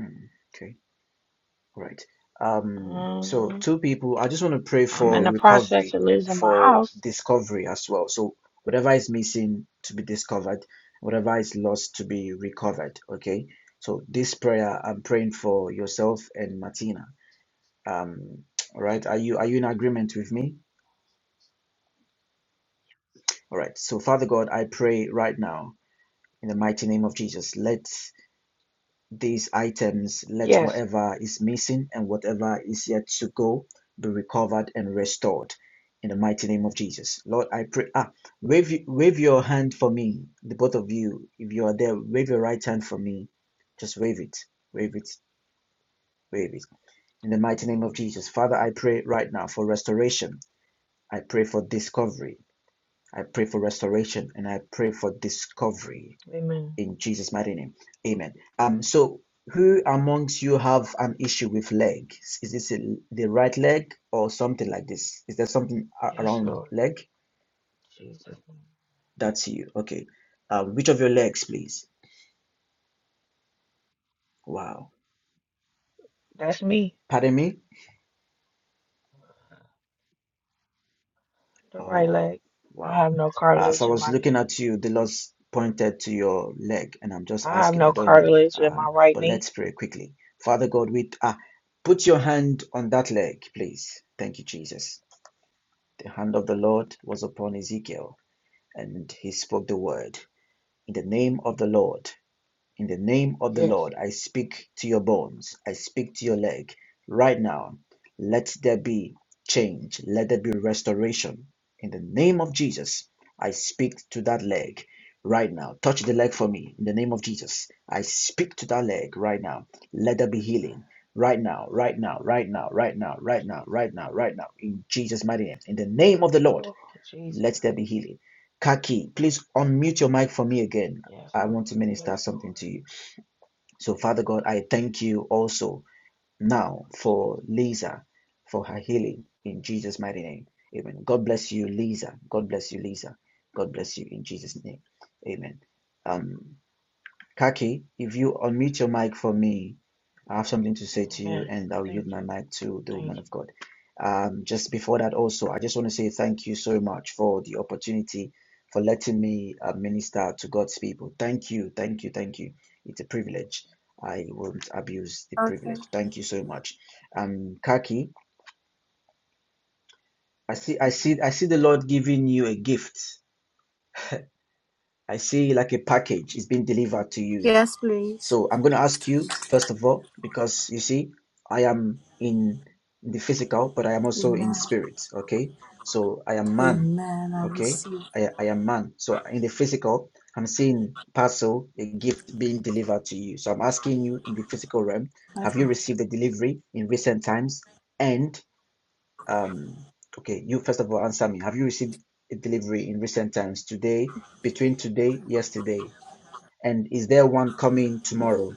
A: Mm, okay. All right. Um, so
D: Um,
A: two people, I just want to pray
D: I'm in
A: for
D: the process
A: recovery
D: of
A: and
D: losing my
A: for
D: house.
A: discovery as well. So whatever is missing to be discovered, whatever is lost to be recovered. Okay. So this prayer, I'm praying for yourself and Martina. Um, all right. Are you are you in agreement with me? All right. So, Father God, I pray right now in the mighty name of Jesus, let these items, let
D: Yes.
A: whatever is missing and whatever is yet to go be recovered and restored in the mighty name of Jesus. Lord, I pray. Ah, wave, wave your hand for me, the both of you. If you are there, wave your right hand for me. Just wave it, wave it, wave it. In the mighty name of
D: Hallelujah.
A: Jesus. Father, I pray right now for restoration. I pray for discovery. I pray for restoration and I pray for discovery
D: Amen.
A: in Jesus' mighty name. Amen. Um, so who amongst you have an issue with leg? Is this a, the right leg or something like this? Is there something a-
D: Yes,
A: around
D: Lord.
A: leg?
D: Jesus. name.
A: That's you. Okay. Um, which of your legs, please? Wow.
D: That's me,
A: Pardon me?
D: the right
A: Oh,
D: leg. I
A: wow.
D: have no
A: As I
D: cartilage in
A: was
D: my
A: looking
D: knee.
A: at you, the Lord pointed to your leg, and I'm just
D: I have
A: asking, I
D: no
A: don't know.
D: cartilage in
A: Uh,
D: my right
A: but
D: knee.
A: let's pray quickly. Father God, we, ah, put your hand on that leg, please. Thank you, Jesus. The hand of the Lord was upon Ezekiel, and he spoke the word In the name of the Lord, in the name of the
D: Yes.
A: Lord, I speak to your bones, I speak to your leg. Right now, let there be change, let there be restoration. In the name of Jesus, I speak to that leg right now. Touch the leg for me in the name of Jesus. I speak to that leg right now. Let there be
D: Yes, God.
A: healing right now, right now, right now, right now, right now, right now, right now, in Jesus' mighty name. In the name of the Lord.
D: Oh, Jesus.
A: Let there be healing. Kaki, please unmute your mic for me again.
D: Yes,
A: I want to
D: Lord. Yes,
A: minister something
D: Lord.
A: to you. So, Father God, I thank you also
D: Name
A: now
D: of
A: for
D: Jesus.
A: Lisa, for her healing in Jesus' mighty name. Amen. God bless you, Lisa. God bless you, Lisa. God bless you in Jesus' name. Amen. Um. Kaki, if you unmute your mic for me, I have something to say to you,
D: Amen.
A: and I'll yield
D: Thank
A: my
D: you.
A: mic to the
D: Thank
A: woman
D: you.
A: of God. Um, just before that, also, I just want to say thank you so much for the opportunity for letting me uh, minister to God's people. Thank you, thank you, thank you. It's a privilege. I won't abuse the
B: Okay.
A: privilege. Thank you so much, um, Kaki. I see, I see, I see the Lord giving you a gift. I see like a package is being delivered to you
B: Yes, please.
A: So I'm going to ask you, first of all, because you see, I am in the physical, but I am also in
B: Amen.
A: spirit. Okay. So I am man.
B: Amen. I
A: Okay.
B: receive.
A: I, I am man. So in the physical, I'm seeing parcel, a gift being delivered to you. So I'm asking you in the physical realm, have you
B: Okay.
A: received a delivery in recent times? And, um, okay, you first of all answer me. Have you received a delivery in recent times today, between today, yesterday? And is there one coming tomorrow?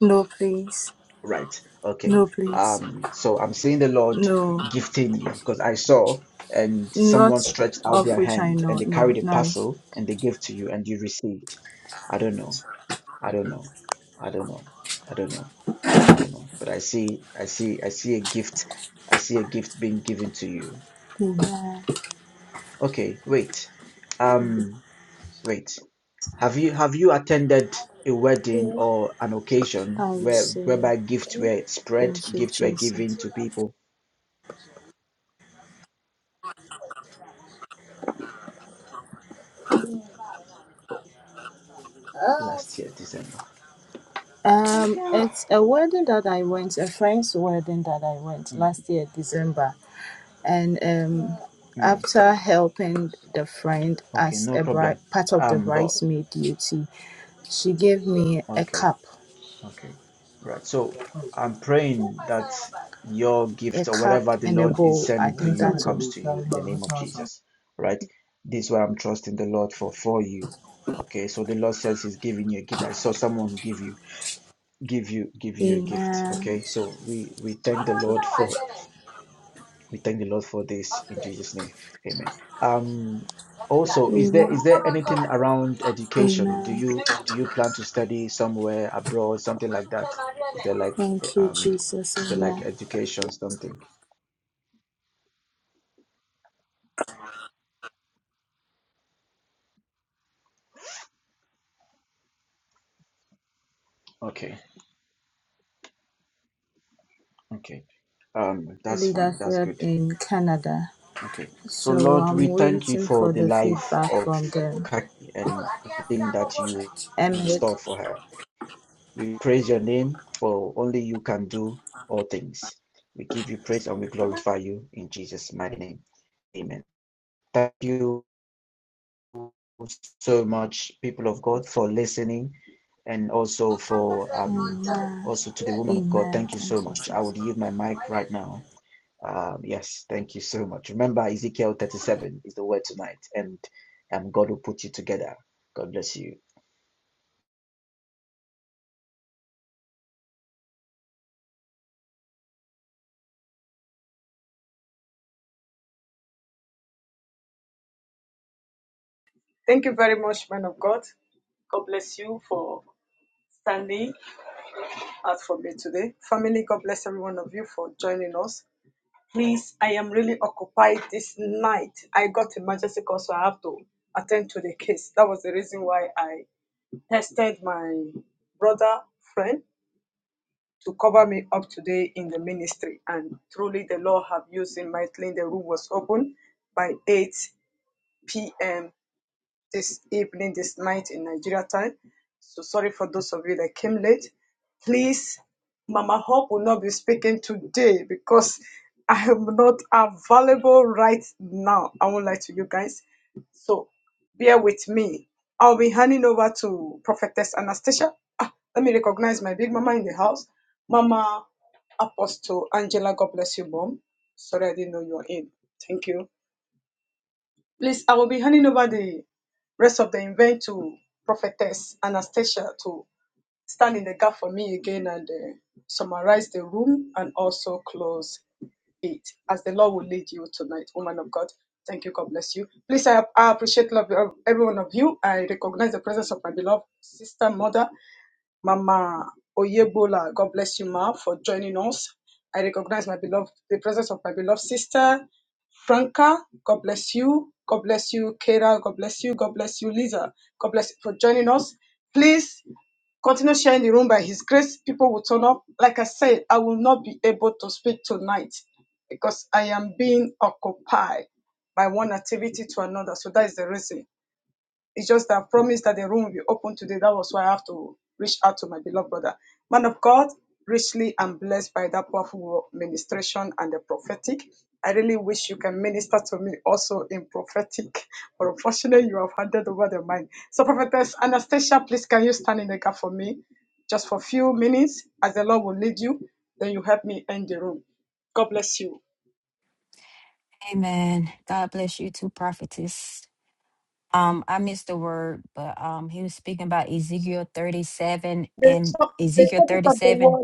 B: No, please.
A: Right. Okay.
B: No, please.
A: Um, so I'm seeing the Lord
B: No.
A: gifting you because I saw and someone
B: Not
A: stretched out
B: of
A: their
B: which I
A: hand and
B: know.
A: they
B: No,
A: carried a
B: none.
A: parcel and they gave to you and you received. I don't know. I don't know. I don't know. I don't know. I don't know. But I see I see I see a gift. I see a gift being given to you.
B: Amen.
A: Okay, wait. Um, wait. Have you have you attended a wedding or an occasion
B: I
A: where
B: receive.
A: whereby gifts were spread,
B: Thank you,
A: gifts were given
B: Jesus.
A: to people? last year, December.
B: Um, it's a wedding that I went, a friend's wedding that I went
A: Mm,
B: last year, December. And um,
A: mm.
B: after helping the friend
A: Okay,
B: as
A: no
B: a bride,
A: problem.
B: part of the
A: Um, but
B: bridesmaid duty, she gave me a
A: okay,
B: cup
A: okay, right. So I'm praying that your
B: a
A: gift or
B: cup
A: whatever the
B: and a
A: Lord is
B: bowl. I
A: sending to
B: think
A: you
B: that's all.
A: comes to you in the name of Jesus, right? This is what I'm trusting the Lord for for you. Okay, so the Lord says He's giving you a gift. I saw someone give you, give you, give you a gift.
B: Amen.
A: Okay, so we we thank the Lord for We thank the Lord for this in Jesus' name. Amen. Um,
B: Amen.
A: also, is
B: Amen.
A: there is there anything around education? Do you do you plan to study somewhere abroad, something like that? Is there like eh,
B: Thank you,
A: um,
B: Jesus.
A: is there like
B: Amen.
A: education something? Okay, okay. Um, that's fine. That's
B: Leadership
A: good.
B: in Canada.
A: Okay. So
B: So
A: Lord,
B: I'm
A: we thank you
B: waiting
A: for
B: for
A: the
B: the
A: life
B: feedback
A: of
B: from them.
A: Kaki and everything that you have in
B: Amen.
A: store for her. We praise your name, for only you can do all things. We give you praise and we glorify you in Jesus' mighty name. Amen. Thank you so much, people of God, for listening and also for um
B: Amen.
A: also to the woman of God.
B: Amen.
A: Thank you
B: Thank
A: so
B: you,
A: much. I
B: Jesus.
A: would give my mic right now. Um, yes, thank you so much. Remember, Ezekiel 37 is the word tonight, and um, God will put you together. God bless you.
E: Amen. God bless you too, prophetess. Um, I missed the word, but um, he was speaking about Ezekiel 37 and Ezekiel 37.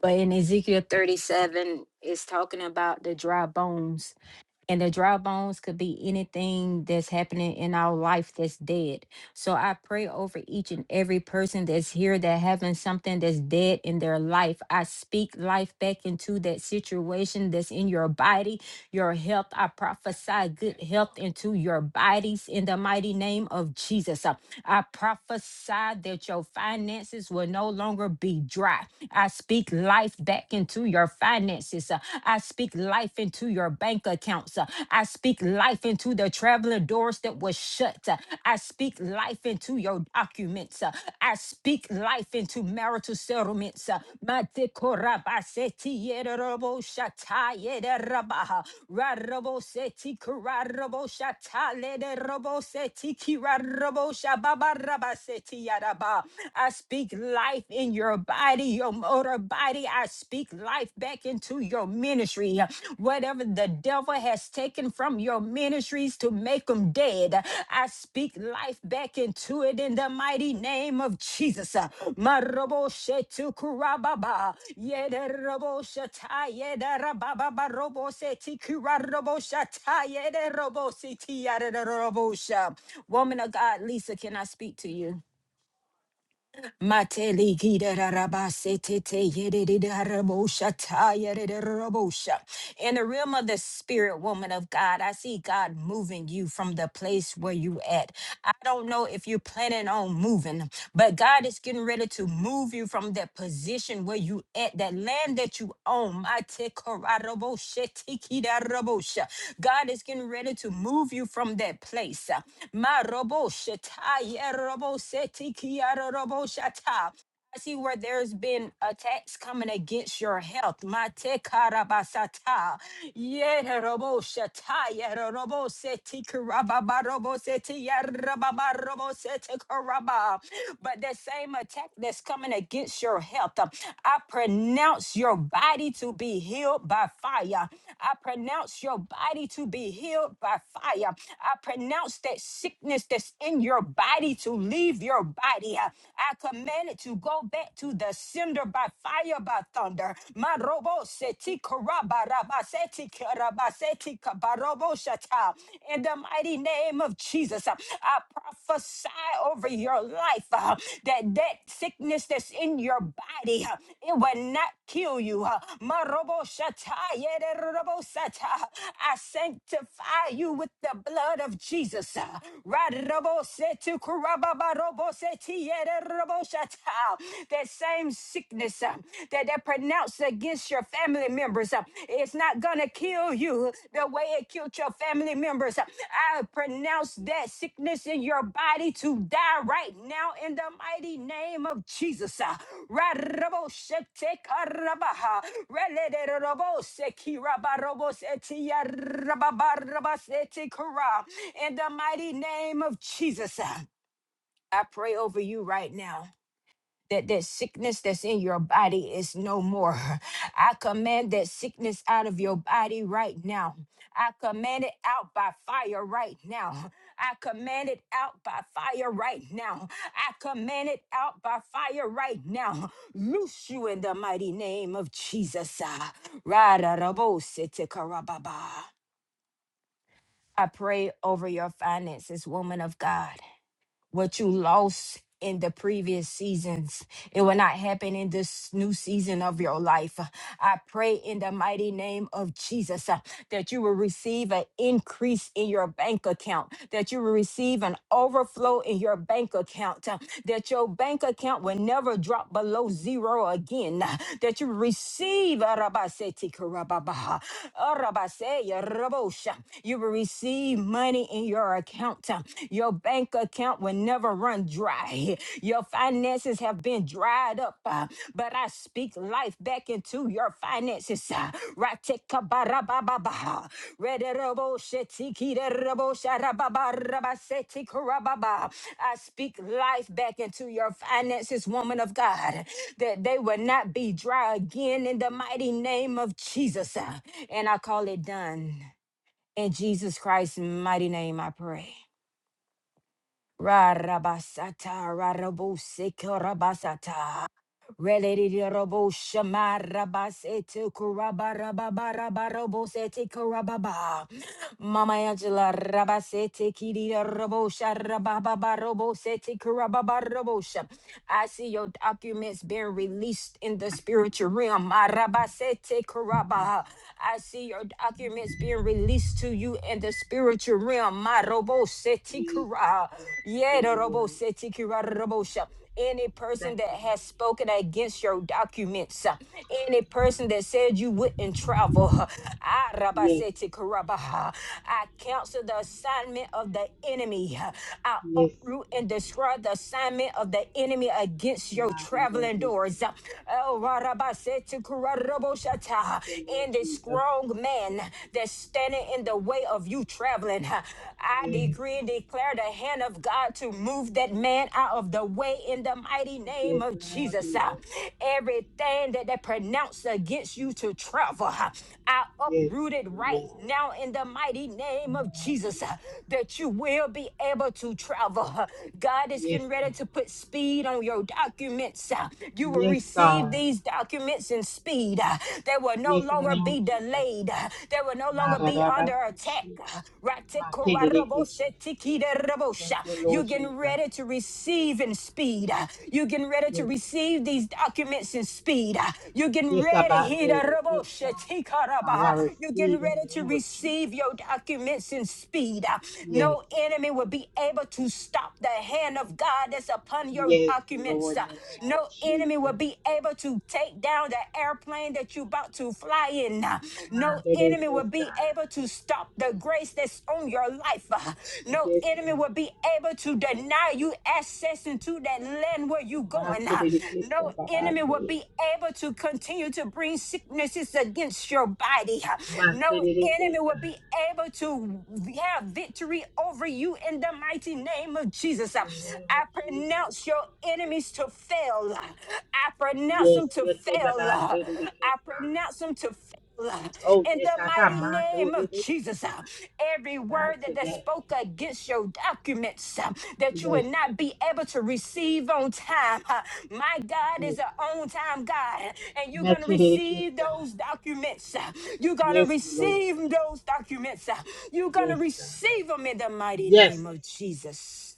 E: But in Ezekiel 37, it's talking about the dry bones. And the dry bones could be anything that's happening in our life that's dead. So I pray over each and every person that's here that having something that's dead in their life. I speak life back into that situation that's in your body your health. I prophesy good health into your bodies in the mighty name of Jesus. Uh, I prophesy that your finances will no longer be dry. I speak life back into your finances. Uh, I speak life into your bank accounts. Uh, I speak life into the traveling doors that were shut. Uh, I speak life into your documents. Uh, I speak life into marital settlements. Matekorabaseti yederobo shata yederabaha. Rarobo seti kararobo shata lederobo seti uh, Matekorabasetiyereroboshatayerebaha, rarobosetikoraroboshatalererobosetikiraroboshababarabasetiyaraba. I speak life in your body, your motor body. I speak life back into your ministry Whatever the devil has taken from your ministries to make them dead, I speak life back into it in the mighty name of Jesus. Marobo shetu kurababa. Yederobo shata yederababa robo seti kurarobo shata yederobo seti yederobo sha. Woman of God, Lisa, can I speak to you? Mateli gida da da ba ta ye de In the realm of the spirit, woman of God, I see God moving you from the place where you at. I don't know if you're planning on moving, but God is getting ready ready to move you from that position where you at, that land that you own. Mighty Karaboshia, God is getting ready to move you from that place. Marobosha, Tayarabose, Tikiarabosha, I see where there's been attacks coming against your health. Mate karabasata. Yereroboshata. Yereroboseti karababaroboseti. Yarababaroboseti karaba. But that same attack that's coming against your health, um, I pronounce your body to be healed by fire. I pronounce your body to be healed by fire. I pronounce that sickness that's in your body to leave your body. Uh, I I command it to go back to the cinder by fire, by thunder. My robo seti karabarabaseti karabaseti kabaroboshata. In the mighty name of Jesus, uh, I prophesy over your life uh, that that sickness that's in your body, uh, it will not kill you. uh. My robo shata, yede robo sata. I sanctify you with the blood of Jesus. uh. Ra robo seti that same sickness uh, that they pronounced against your family members, uh, it's not going to kill you the way it killed your family members. Uh, I pronounce that sickness in your body to die right now in the mighty name of Jesus. Ra-ra-bo-she-te-ka-ra-ba-ha. Re-le-le-le-le-bo-se-ki-ra-ba-ro-bo-se-ti-ya-ra-ba-ba-ra-ba-se-ti-ka-ra. In the mighty name of Jesus. Uh, I pray over you right now. That that sickness that's in your body is no more. I command that sickness out of your body right now. I command it out by fire right now. I command it out by fire right now. I command it out by fire right now. Loose you in the mighty name of Jesus. Ah, ra-ra-ra-bo-se-te-ka-ra-ba-ba. I pray over your finances, woman of God what you lost in the previous seasons. It will not happen in this new season of your life. I pray in the mighty name of Jesus uh, that you will receive an increase in your bank account, that you will receive an overflow in your bank account, uh, that your bank account will never drop below zero again in, that you receive Arabaseti Karababaha, Arabaseya Rabosha. You will receive money in your account. Your bank account will never run dry. Your finances have been dried up, uh, but I speak life back into your finances. uh, Ratikabarababaha. Rederoboshetikiderabosharababarabasetikorababa. I speak life back into your finances, woman of God that they will not be dry again in the mighty name of Jesus. Uh, And I call it done. In Jesus Christ's mighty name, I pray. Ra-ra-ba-sa-ta, ra-ra-bo-se-ko-ra-ba-sa-ta. Relatiroboshamarabasetikurabarababarabarabosetekurababa. Mama Angela Rabasete kiri Robosha Rababa Robosete Kurababa Robosha. I see your documents being released in the spiritual realm. Marabasete Kuraba. I see your documents being released to you in the spiritual realm. Marobosete
F: Yes.
E: Kura.
F: Thank
E: Yeda
F: you, Lord.
E: Robosete Kura Robosha. Any person
F: Thank
E: that
F: you.
E: has spoken against your documents, uh, any person that said you wouldn't travel, uh, ah, rabba
F: Yes.
E: sete karaba, uh, I cancel the assignment of the enemy. uh, I
F: Yes.
E: uproot and destroy the assignment of the enemy against your
F: My God, I
E: traveling
F: bless you.
E: doors. uh, El Warabasete
F: Thank
E: Kuraraboshata,
F: you, Lord
E: And the
F: Jesus.
E: strong man that's standing in the way of you traveling. huh? I
F: Yes.
E: decree and declare declare the hand of God to move that man out of the way in the mighty name
F: Yes,
E: of
F: in the name of
E: Jesus. Uh,
F: Jesus.
E: Everything that they pronounced against you to travel, uh, I
F: Yes,
E: uproot it right
F: Lord.
E: now in the mighty name
F: In the
E: of
F: name of
E: Jesus uh,
F: Jesus.
E: that you will be able to travel. uh, God is
F: Yes,
E: getting ready
F: Lord.
E: to put speed on your documents. uh, You will
F: Yes,
E: receive
F: God.
E: these documents in speed. uh, They will no
F: Yes, in the
E: longer
F: name
E: be
F: of Jesus.
E: delayed. uh, They will no
F: My
E: longer
F: God,
E: be be
F: I
E: under
F: bless
E: attack.
F: you. My God, I bless you.
E: Ratikoraboshetikiderabosha.
F: Thank you,
E: You're
F: Lord
E: getting
F: Jesus.
E: ready to receive in speed. You're getting ready to
F: Yes.
E: receive these documents in speed. You're getting
F: Yes, I
E: ready.
F: bind it. Good God. Father, I
E: hidaraboshetikarabaha. You're getting
F: receive in
E: ready
F: the
E: to
F: name of
E: receive your
F: Jesus.
E: documents in speed.
F: Yes,
E: No enemy will be able to stop the hand of God that's upon your
F: yes,
E: documents.
F: Lord, in the name of
E: No enemy will
F: Jesus.
E: be able to take down the airplane that that you're about to fly in. uh,
F: My
E: No
F: baby
E: enemy will
F: kissa,
E: be able to stop the grace that's on your life. uh, No
F: yes,
E: enemy will
F: Lord.
E: be able to deny you access into that land where you're
F: My
E: going. uh,
F: baby
E: No
F: kissa, Baba,
E: enemy will be able to continue to bring sicknesses against your body. uh,
F: my
E: No
F: baby
E: enemy will
F: kissa.
E: be able to have victory over you in the mighty name of Jesus.
F: In
E: uh,
F: the name of
E: I
F: Jesus.
E: pronounce your enemies to fail. I pronounce
F: Yes,
E: them to
F: yes, eh,
E: fail.
F: Baba,
E: I
F: baby kissa.
E: pronounce them to fail.
F: Oh,
E: In the
F: yes, I got
E: mighty
F: my
E: name of
F: baby
E: Jesus,
F: kissa.
E: every
F: God
E: word that they
F: today.
E: spoke against your documents uh, that you would
F: Yes,
E: not be able to receive on time. uh, My God
F: yes.
E: is an on time God, and you're
F: My
E: going to
F: baby
E: receive
F: kissa.
E: those documents. uh, You're going to
F: Yes, Lord.
E: receive those documents. uh, You're going to
F: Yes, God.
E: receive them in the mighty
F: Yes.
E: name of Jesus.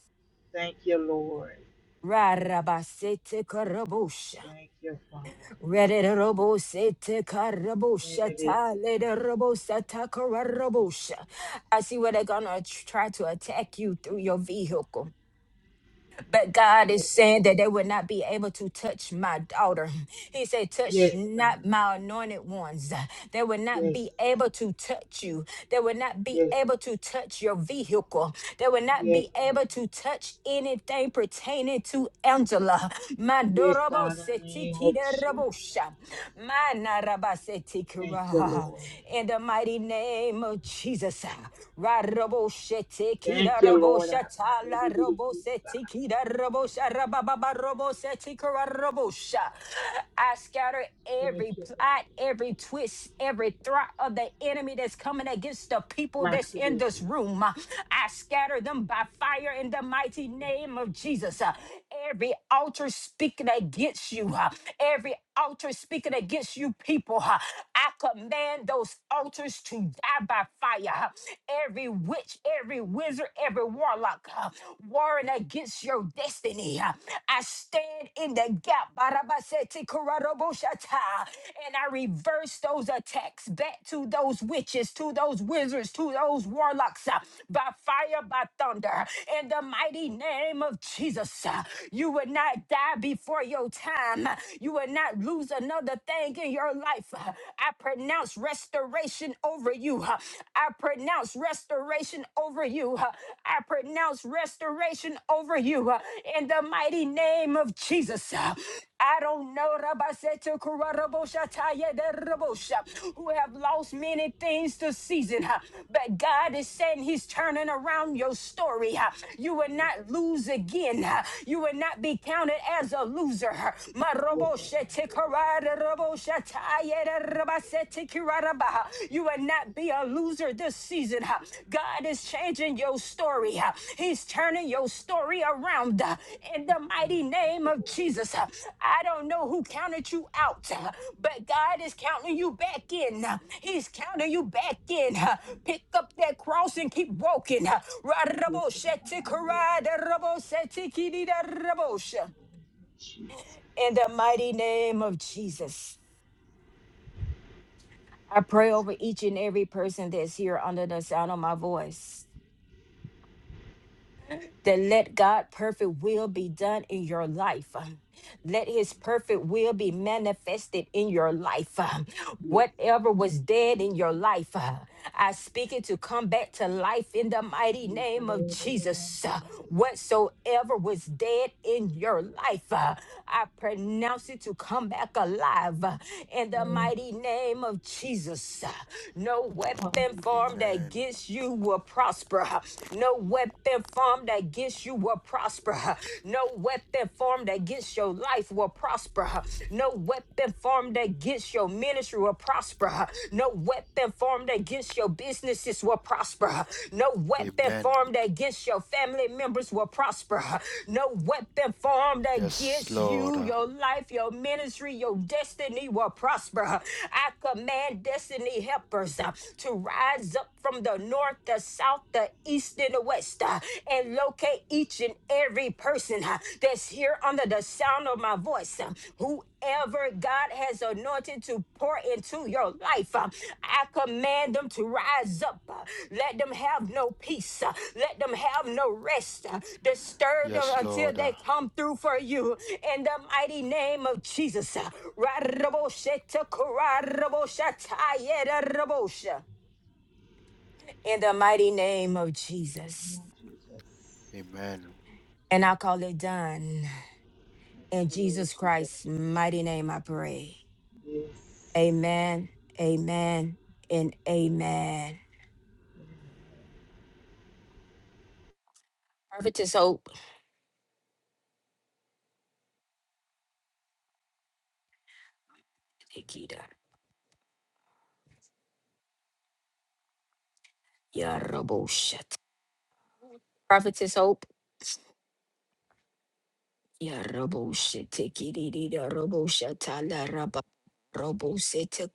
F: Thank you, Lord.
E: Rarabasete karabosh.
F: Thank you, Father.
E: Rederobo sete karabosha ta
F: Benedictisa.
E: lederobo sata karabosha. I see where they're gonna tr- try to attack you through your vehicle. But God is saying that they will not be able to touch my daughter. He said, Touch
F: Yes, God.
E: not my anointed ones. They will not be
F: Yes.
E: able to touch you. They will not be
F: Yes.
E: able to touch your vehicle. They will not
F: Yes,
E: be
F: God.
E: able to touch anything pertaining to Angela. My
F: Yes,
E: dorobo
F: God, in the name of Jesus.
E: setikidorobosha. My
F: Thank you,
E: narabasetikira.
F: Lord.
E: In the mighty name of Jesus. Rarobo da
F: Thank you,
E: robo
F: Lord.
E: shata la robo
F: Benedictisa.
E: seti kida robo shara robo seti kara robo sha. I scatter every
F: Thank you,
E: plot, every twist, every thought of the enemy that's coming against the people
F: Lord.
E: that's in this
F: Benedictisa.
E: room. I scatter them by fire in the mighty name of Jesus. Uh, Every altar speaking against you, uh, every altar speaking against you people, uh, I command those altars to die by fire fire. huh? Every witch, every wizard, every warlock uh, warring against your destiny. uh, I stand in the gap. Barabasete kuraroboshata, And I reverse those attacks back to those witches, to those wizards, to those warlocks uh, by fire, by thunder. In the mighty name of Jesus, uh, you will not die before your time. huh? You will not lose another thing in your life. huh? I pronounce restoration over you. huh. I pronounce restoration over you. huh. I pronounce restoration over you huh, in the mighty name of Jesus. huh. I don't know Rabaseta Kurarabosha Taya de Rabosha, who have lost many things this season, huh, but God is saying He's turning around your story. huh. You will not lose again. huh. You will not be counted as a loser. huh. Ma
F: Yes, God.
E: Rabosha
F: Yes,
E: you will not be a loser this season. God is changing your story. He's turning your story around uh, in the
F: God.
E: mighty
F: Thank
E: name
F: you,
E: of
F: Lord
E: Jesus.
F: Jesus.
E: uh. I don't know who counted you out, uh, but God is counting you back in. uh. He's counting you back in. uh. Pick up that cross and keep walking. uh.
F: Yes, God. Jesus.
E: In the mighty name of Jesus. I pray
F: Yes,
E: over each and every person that's here under the sound of my voice that let God perfect will be done in your life. Let his perfect will be manifested in your life. Um,
F: Yes,
E: Whatever was dead in your life, uh, I speak it to come back to life in the mighty
F: Yes, I
E: name of
F: the right
E: Jesus. Uh,
F: the right
E: Whatsoever was dead in your life, uh, I pronounce it to come back alive uh, in the mighty name of Jesus. Uh, No weapon formed
F: Hallelujah,
G: Amen.
E: against you will prosper. No weapon formed against you will prosper. No weapon formed against your life will prosper. No weapon formed against your ministry will prosper. No weapon formed against your businesses will prosper. No weapon
G: Amen.
E: formed against your family members will prosper. No weapon formed
G: Yes,
E: against
G: Lord.
E: you, your life, your ministry, your destiny will prosper. I command destiny helpers uh, to rise up from the north, the south, the east, and the west, uh, and locate each and every person uh, that's here under the sound of my voice. uh, Whoever God has anointed to pour into your life, uh, I command them to rise up. uh, Let them have no peace. uh, Let them have no rest. uh, Disturb them
G: Yes,
E: until
G: Lord.
E: they come through for you. In the mighty name of Jesus. uh, Ra-ra-ra-bo-sha-ta-ka-ra-ra-bo-sha-ta-ya-ra-ra-bo-sha in the mighty name of Jesus.
F: Lord Jesus.
G: Amen.
E: And I call it done. In
F: Thank you, Lord
E: Jesus Christ's
F: Jesus.
E: mighty name, I pray.
F: Yes,
E: Amen, amen, and amen. Prophetess Hope. Tikida, yaraboshat. Prophetess Hope. Yaraboshat, tikidi, yaraboshat, la raba, robosete,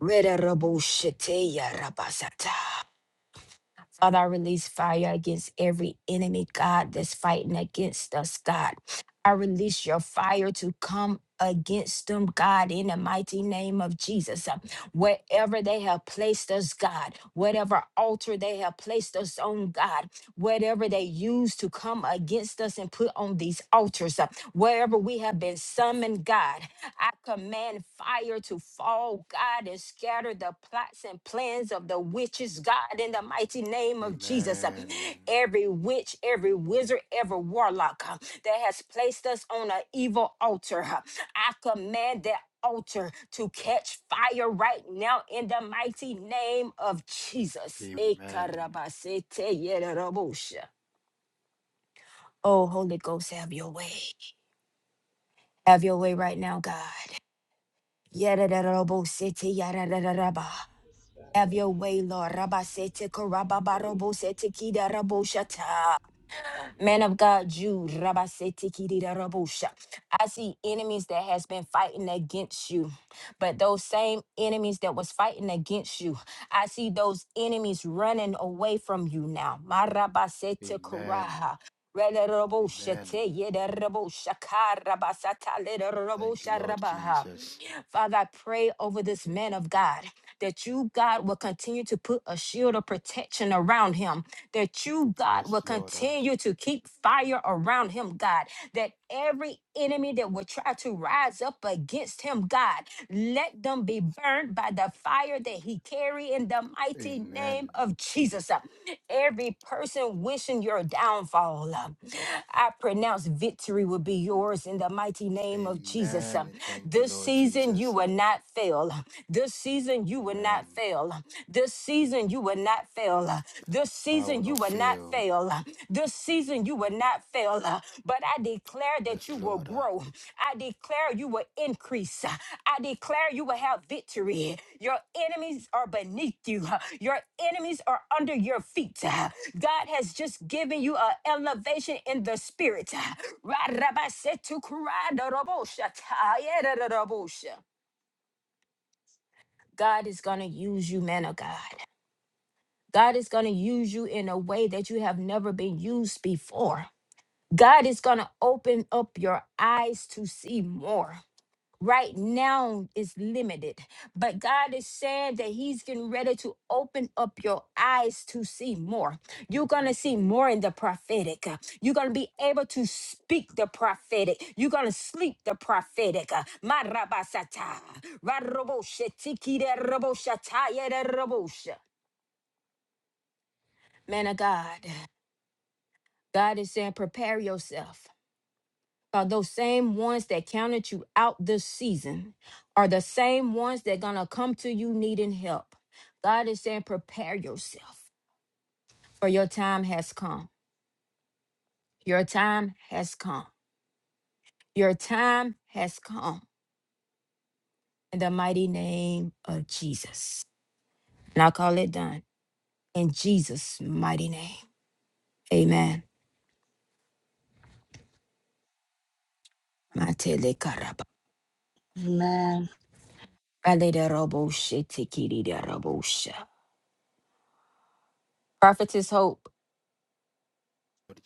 E: reda raboshete, yarabasata. Father, I release fire against every enemy, God, that's fighting against us, God. I release your fire to come against them, God, in the mighty name of Jesus. Uh, Wherever they have placed us, God, whatever altar they have placed us on, God, whatever they use to come against us and put on these altars, uh, wherever we have been summoned, God. I command fire to fall, God, and scatter the plots and plans of the witches, God, in the mighty name of Jesus.
G: Amen.
E: Every witch, every wizard, every warlock uh, that has placed us on an evil altar, uh, I command that altar to catch fire right now in the mighty name of Jesus.
G: Amen.
E: Ekarabasete yererobosha. Oh, Holy Ghost, have your way. Have your way right now, God. Yadadadabosete, yadadadadaba.
F: yes,
E: Have
F: Father.
E: your way, Lord. Rabasete,
F: Lord, I do
E: karababarobosete, kidaraboshata. Man of God, Jude, Rabasetikirabusha. I see enemies that has been fighting against you, but those same enemies that was fighting against you, I see those enemies running away from you now.
G: Amen.
E: Marabasetikuraha.
G: Amen. Thank you, Lord
E: Relerobushateyedarabushakarabasataledarabusha.
G: Jesus.
E: Father, I pray over this man of God that you, God, will continue to put a shield of protection around him that you, God,
G: Yes,
E: will
G: Lord.
E: continue to keep fire around him, God, that every enemy that will try to rise up against him, God, let them be burned by the fire that he carry in the mighty
G: Amen.
E: name of Jesus. Every person wishing your downfall, I pronounce victory will be yours in the mighty name of Jesus.
G: Amen. Thank you,
E: This
G: Lord
E: season you
G: Jesus.
E: will not fail. This season you will
G: Amen.
E: not fail. This season you will not fail. This
G: I will
E: season you
G: not
E: will not
G: fail.
E: fail. This season you will not fail. But I declare
G: Yes,
E: that you will
G: Lord.
E: grow.
G: Lord
E: I declare you will increase. I declare you will have victory. Your enemies are beneath you, your enemies are under your feet. God has just given you an elevation in the spirit. God is going to use you, man of God. God is going to use you in a way that you have never been used before. God is going to open up your eyes to see more. right now is limited, but God is saying that He's getting ready to open up your eyes to see more. You're going to see more in the prophetic. uh, You're going to be able to speak the prophetic. You're going to sleep the prophetic. uh, Marabasata, Radrobosha, Tikida Robosha, Tayada Robosha. Man of God, God is saying, prepare yourself. Are those same ones that counted you out this season are the same ones that gonna come to you needing help. God is saying, prepare yourself, for your time has come. Your time has come. Your time has come. In the mighty name of Jesus. And I call it done. In Jesus' mighty name. Amen. Matele karaba.
B: Amen.
E: Ale de robo she tikiri de robo sha. Prophetess Hope.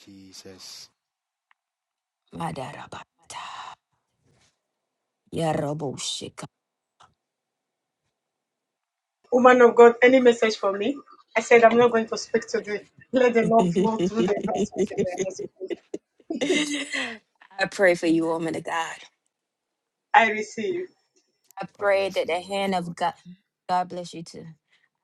G: Jesus.
E: Madarabata. Ya robo she I pray for you, woman of God. I
G: God
E: pray
G: bless
E: that
G: you,
E: the
G: man of
E: hand of
G: God.
E: God, God bless you too.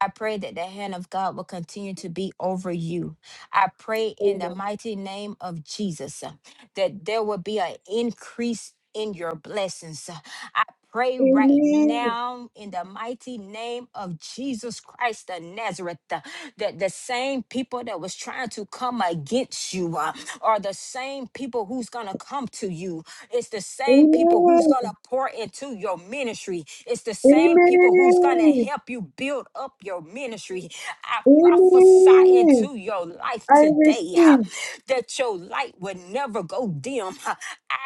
E: I pray that the hand of God will continue to be over you. I pray in the mighty name of Jesus uh, that there will be an increase in your blessings. Uh, I pray right now in the mighty name of Jesus Christ of Nazareth. uh, that the same people that was trying to come against you uh, are the same people who's gonna come to you. It's the same people who's gonna
C: Amen.
E: pour into your ministry. It's the same people who's gonna
C: Amen.
E: help you build up your ministry. I prophesy
C: Amen.
E: into your life
C: I
E: today uh,
C: receive.
E: that your light will never go dim. uh,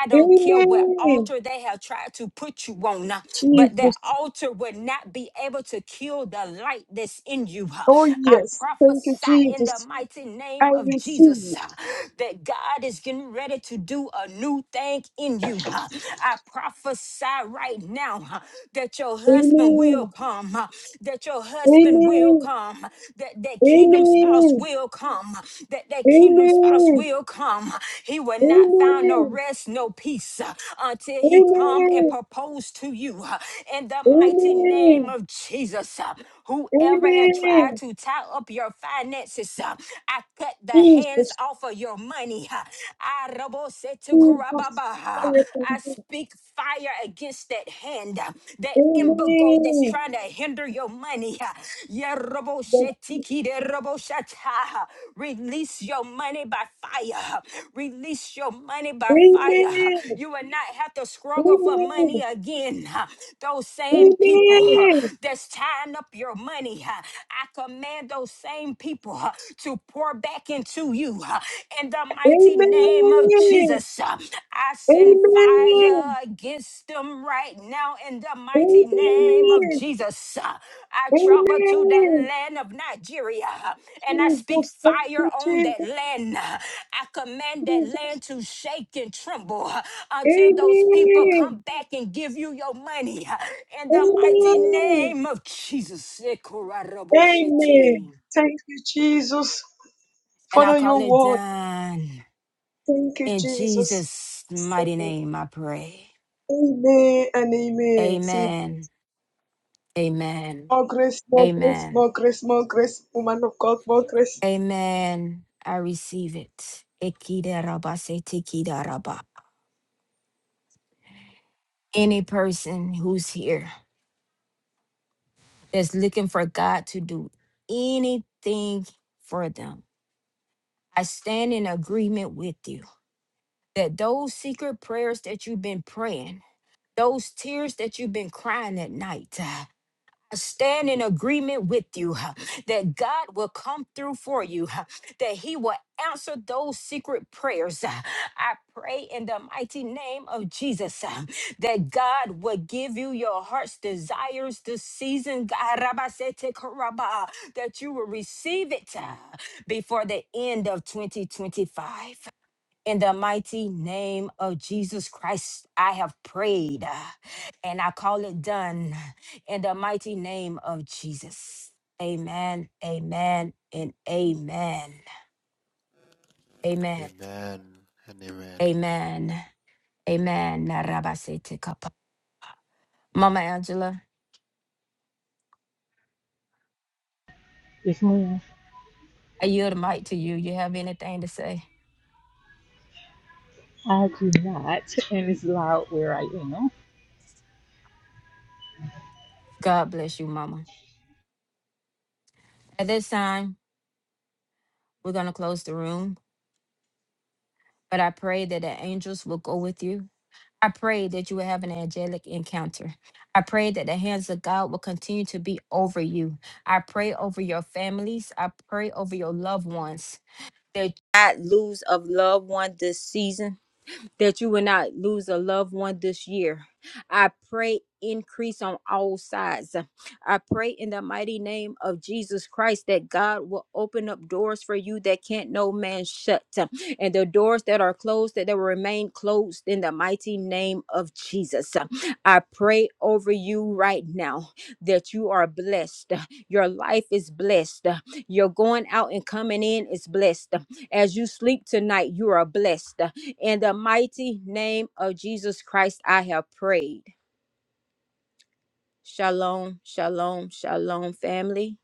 E: I don't care what
C: Amen.
E: altar they have tried to put you on, uh, but that
C: Jesus.
E: altar would not be able to kill the light that's in you. uh,
C: Oh,
E: I
C: yes. Thank you,
E: prophesy in the
C: Jesus.
E: mighty name
C: I
E: of
C: receive
E: Jesus
C: it.
E: uh, that God is getting ready to do a new thing in you. uh. I prophesy right now uh, that your husband will
C: Amen.
E: come, uh, that your husband will
C: Amen.
E: come, uh, that that kingdom spouse
C: Amen.
E: will come, uh, that that kingdom spouse
C: Amen.
E: will come. huh. He will not find no
C: Amen.
E: rest, no peace uh, until he come and
C: Amen.
E: propose to you uh, in the mighty name
C: Amen.
E: of Jesus. uh. Whoever had tried
C: Amen.
E: to tie up up your finances. uh, I cut the hands
C: Jesus.
E: off of your money. uh, I
C: Jesus.
E: robosetukurababa,
C: I
E: uh, I
C: thank you.
E: speak fire against that hand, uh, that embargo that's
C: Amen.
E: trying to hinder your money. uh,
C: Yes.
E: yerobosetikideroboshata. Release your money by fire. Uh, Release your money by fire. Uh,
C: Amen.
E: You will not have to struggle for money
C: Amen.
E: again. Uh, Those same people uh, that's tying up your money, uh, I command those those same people uh, to pour back into you. uh, In the mighty
C: Amen.
E: name of Jesus, uh, I send
C: Amen.
E: fire against them right now. In the
C: Amen.
E: mighty name of
C: Amen.
E: Jesus, uh, I travel to the
C: Amen.
E: land of Nigeria uh, and I speak
C: Jesus, thank
E: fire
C: you,
E: on that
C: Jesus,
E: land. uh, I command that
C: Jesus.
E: land to shake and tremble uh, until those people come
C: Amen.
E: back and give you your money. uh, In the mighty
C: Amen.
E: name of Jesus.
C: Amen.
E: And I call it done. In Jesus' mighty name, I pray. Amen. Amen. Amen. Amen. I receive it. Ikidaraba se tikidaraba. Any person who's here that's looking for God to do anything for them, I stand in agreement with you that those secret prayers that you've been praying, those tears that you've been crying at night, uh, I stand in agreement with you huh, that God will come through for you, huh, that He will answer those secret prayers. huh. I pray in the mighty name of Jesus huh, that God will give you your heart's desires this season, God, Rabba Karaba, that you will receive it huh, before the end of 2025. In the mighty name of Jesus Christ, I have prayed ah, and I call it done. In the mighty name of Jesus. Amen, amen, and amen. Amen,
G: Amen and amen.
E: amen, amen. Narabasete kapa. Mama Angela,
F: This morning,
E: I yield the mic to you. You have anything to say?
F: I do not, and it's loud where I am.
E: God bless you, Mama. At this time, we're going to close the room, but I pray that the angels will go with you I pray that you will have an angelic encounter. I pray that the hands of God will continue to be over you. I pray over your families. I pray over your loved ones. That you will not lose a loved one this season that you will not lose a loved one this year. I pray increase on all sides. I pray in the mighty name of Jesus Christ that God will open up doors for you that can't no man shut, and the doors that are closed that they will remain closed in the mighty name of Jesus. I pray over you right now that you are blessed. Your life is blessed. Your going out and coming in is blessed. As you sleep tonight, you are blessed. In the mighty name of Jesus Christ, I have prayed. Shalom, shalom, shalom, family.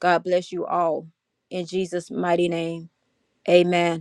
E: God bless you all. In Jesus' mighty name, amen.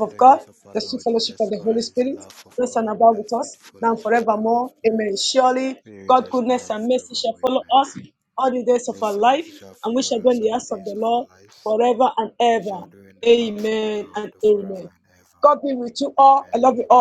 G: May the grace of our Lord Jesus Christ, the love of God, and the sweet fellowship of the Holy Spirit be with us now and forevermore. Amen. Goodness and mercy shall follow us all the days of our lives, and we shall dwell in the house of the Lord forever and ever. Amen and amen.